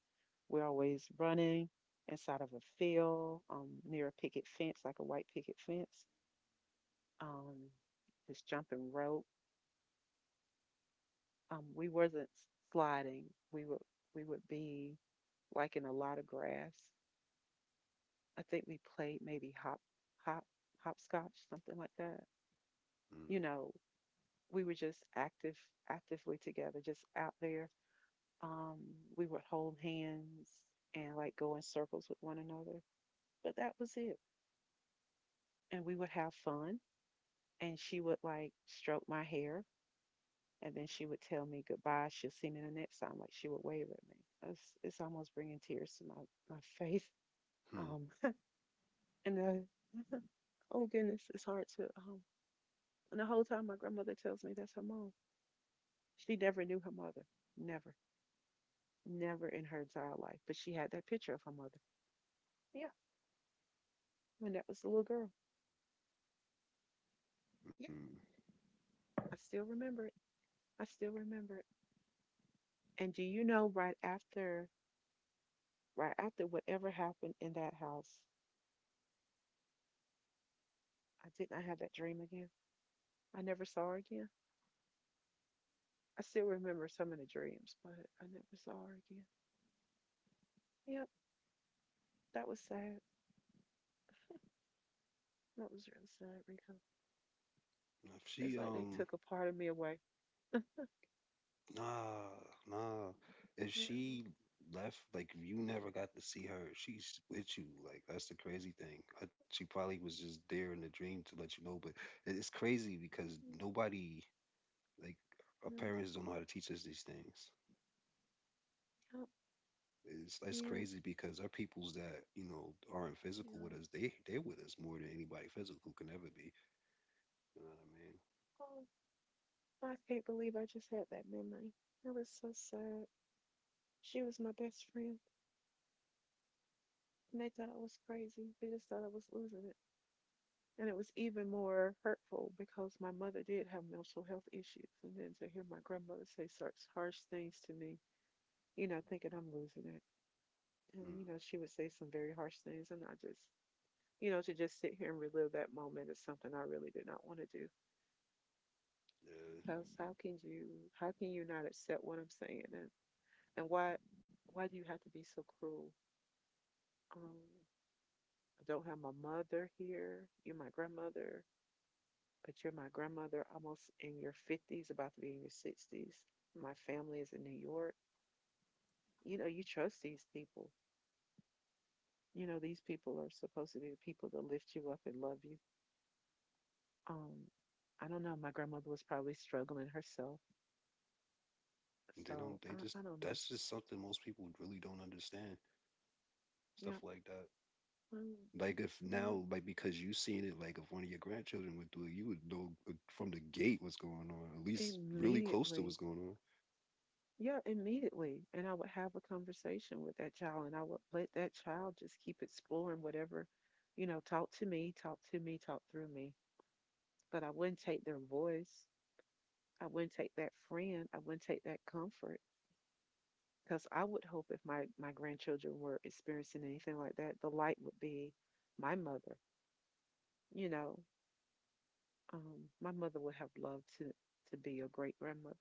[SPEAKER 2] we're always running inside of a field, near a picket fence, like a white picket fence. Um, just jumping rope. We wasn't sliding. We would we would be like in a lot of grass. I think we played maybe hop hopscotch, something like that. You know, we were just actively together, just out there. Um, we would hold hands and like go in circles with one another, but that was it. And we would have fun. And she would like stroke my hair, and then she would tell me goodbye. She'll see me the next time. Like she would wave at me. It's almost bringing tears to my face. <laughs>
[SPEAKER 1] Mm-hmm.
[SPEAKER 2] Um, and oh goodness, it's hard to And the whole time my grandmother tells me that's her mom. She never knew her mother. Never, never in her entire life. But she had that picture of her mother. Yeah, when that was a little girl. Yeah,
[SPEAKER 1] Mm.
[SPEAKER 2] I still remember it. I still remember it. And do you know, right after whatever happened in that house, I did not have that dream again. I never saw her again. I still remember some of the dreams, but I never saw her again. Yep, that was sad. That was really sad, Rico.
[SPEAKER 1] If she
[SPEAKER 2] It's like they took a part of me away.
[SPEAKER 1] Nah, nah. If
[SPEAKER 2] Yeah, mm,
[SPEAKER 1] she left, like you never got to see her. She's with you. Like that's the crazy thing. She probably was just there in the dream to let you know. But it- it's crazy because nobody, like our
[SPEAKER 2] yeah,
[SPEAKER 1] parents, don't know how to teach us these things.
[SPEAKER 2] yeah,
[SPEAKER 1] It's
[SPEAKER 2] yeah,
[SPEAKER 1] crazy because our peoples that you know aren't physical with
[SPEAKER 2] yeah.
[SPEAKER 1] us, they're with us more than anybody physical can ever be. You know what I
[SPEAKER 2] Oh, I can't believe I just had that memory. It was so sad. She was my best friend, and they thought I was crazy. They just thought I was losing it. And it was even more hurtful because my mother did have mental health issues. And then to hear my grandmother say such harsh things to me, you know, thinking I'm losing it.
[SPEAKER 1] mean?
[SPEAKER 2] And,
[SPEAKER 1] Mm,
[SPEAKER 2] you know, she would say some very harsh things. And I just, you know, to just sit here and relive that moment is something I really did not want to do.
[SPEAKER 1] yeah.
[SPEAKER 2] Because how can you not accept what I'm saying? And why do you have to be so cruel? Um, I don't have my mother here. You're my grandmother, but you're my grandmother almost in your 50s, about to be in your 60s. My family is in New York. You know, you trust these people. You know, these people are supposed to be the people that lift you up and love you. Um, I don't know. My grandmother was probably struggling herself.
[SPEAKER 1] They don't.
[SPEAKER 2] So
[SPEAKER 1] They
[SPEAKER 2] I,
[SPEAKER 1] just.
[SPEAKER 2] I don't know.
[SPEAKER 1] That's just something most people really don't understand. Stuff
[SPEAKER 2] Yeah.
[SPEAKER 1] like that.
[SPEAKER 2] um,
[SPEAKER 1] Like if
[SPEAKER 2] yeah.
[SPEAKER 1] now, like because you seen it, like if one of your grandchildren went through it, you would know from the gate what's going on, at least really close to what's
[SPEAKER 2] Immediately.
[SPEAKER 1] going on.
[SPEAKER 2] Yeah, immediately. And I would have a conversation with that child and I would let that child just keep exploring whatever, you know, talk to me, talk to me, talk through me, but I wouldn't take their voice. I wouldn't take that friend. I wouldn't take that comfort because I would hope if my grandchildren were experiencing anything like that, the light would be my mother. You know, my mother would have loved to be a great grandmother,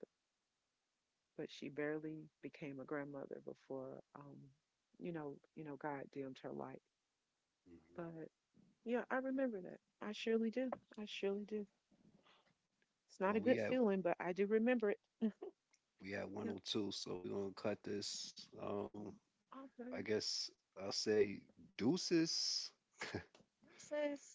[SPEAKER 2] but she barely became a grandmother before, you know, God dimmed her light.
[SPEAKER 1] Hmm.
[SPEAKER 2] But yeah, I remember that. I surely do. I surely do. It's
[SPEAKER 1] Well,
[SPEAKER 2] not a good feeling, but I do remember it.
[SPEAKER 1] we at
[SPEAKER 2] Yeah.
[SPEAKER 1] 102, so we're gonna cut this. I
[SPEAKER 2] Okay.
[SPEAKER 1] guess I'll say deuces.
[SPEAKER 2] This is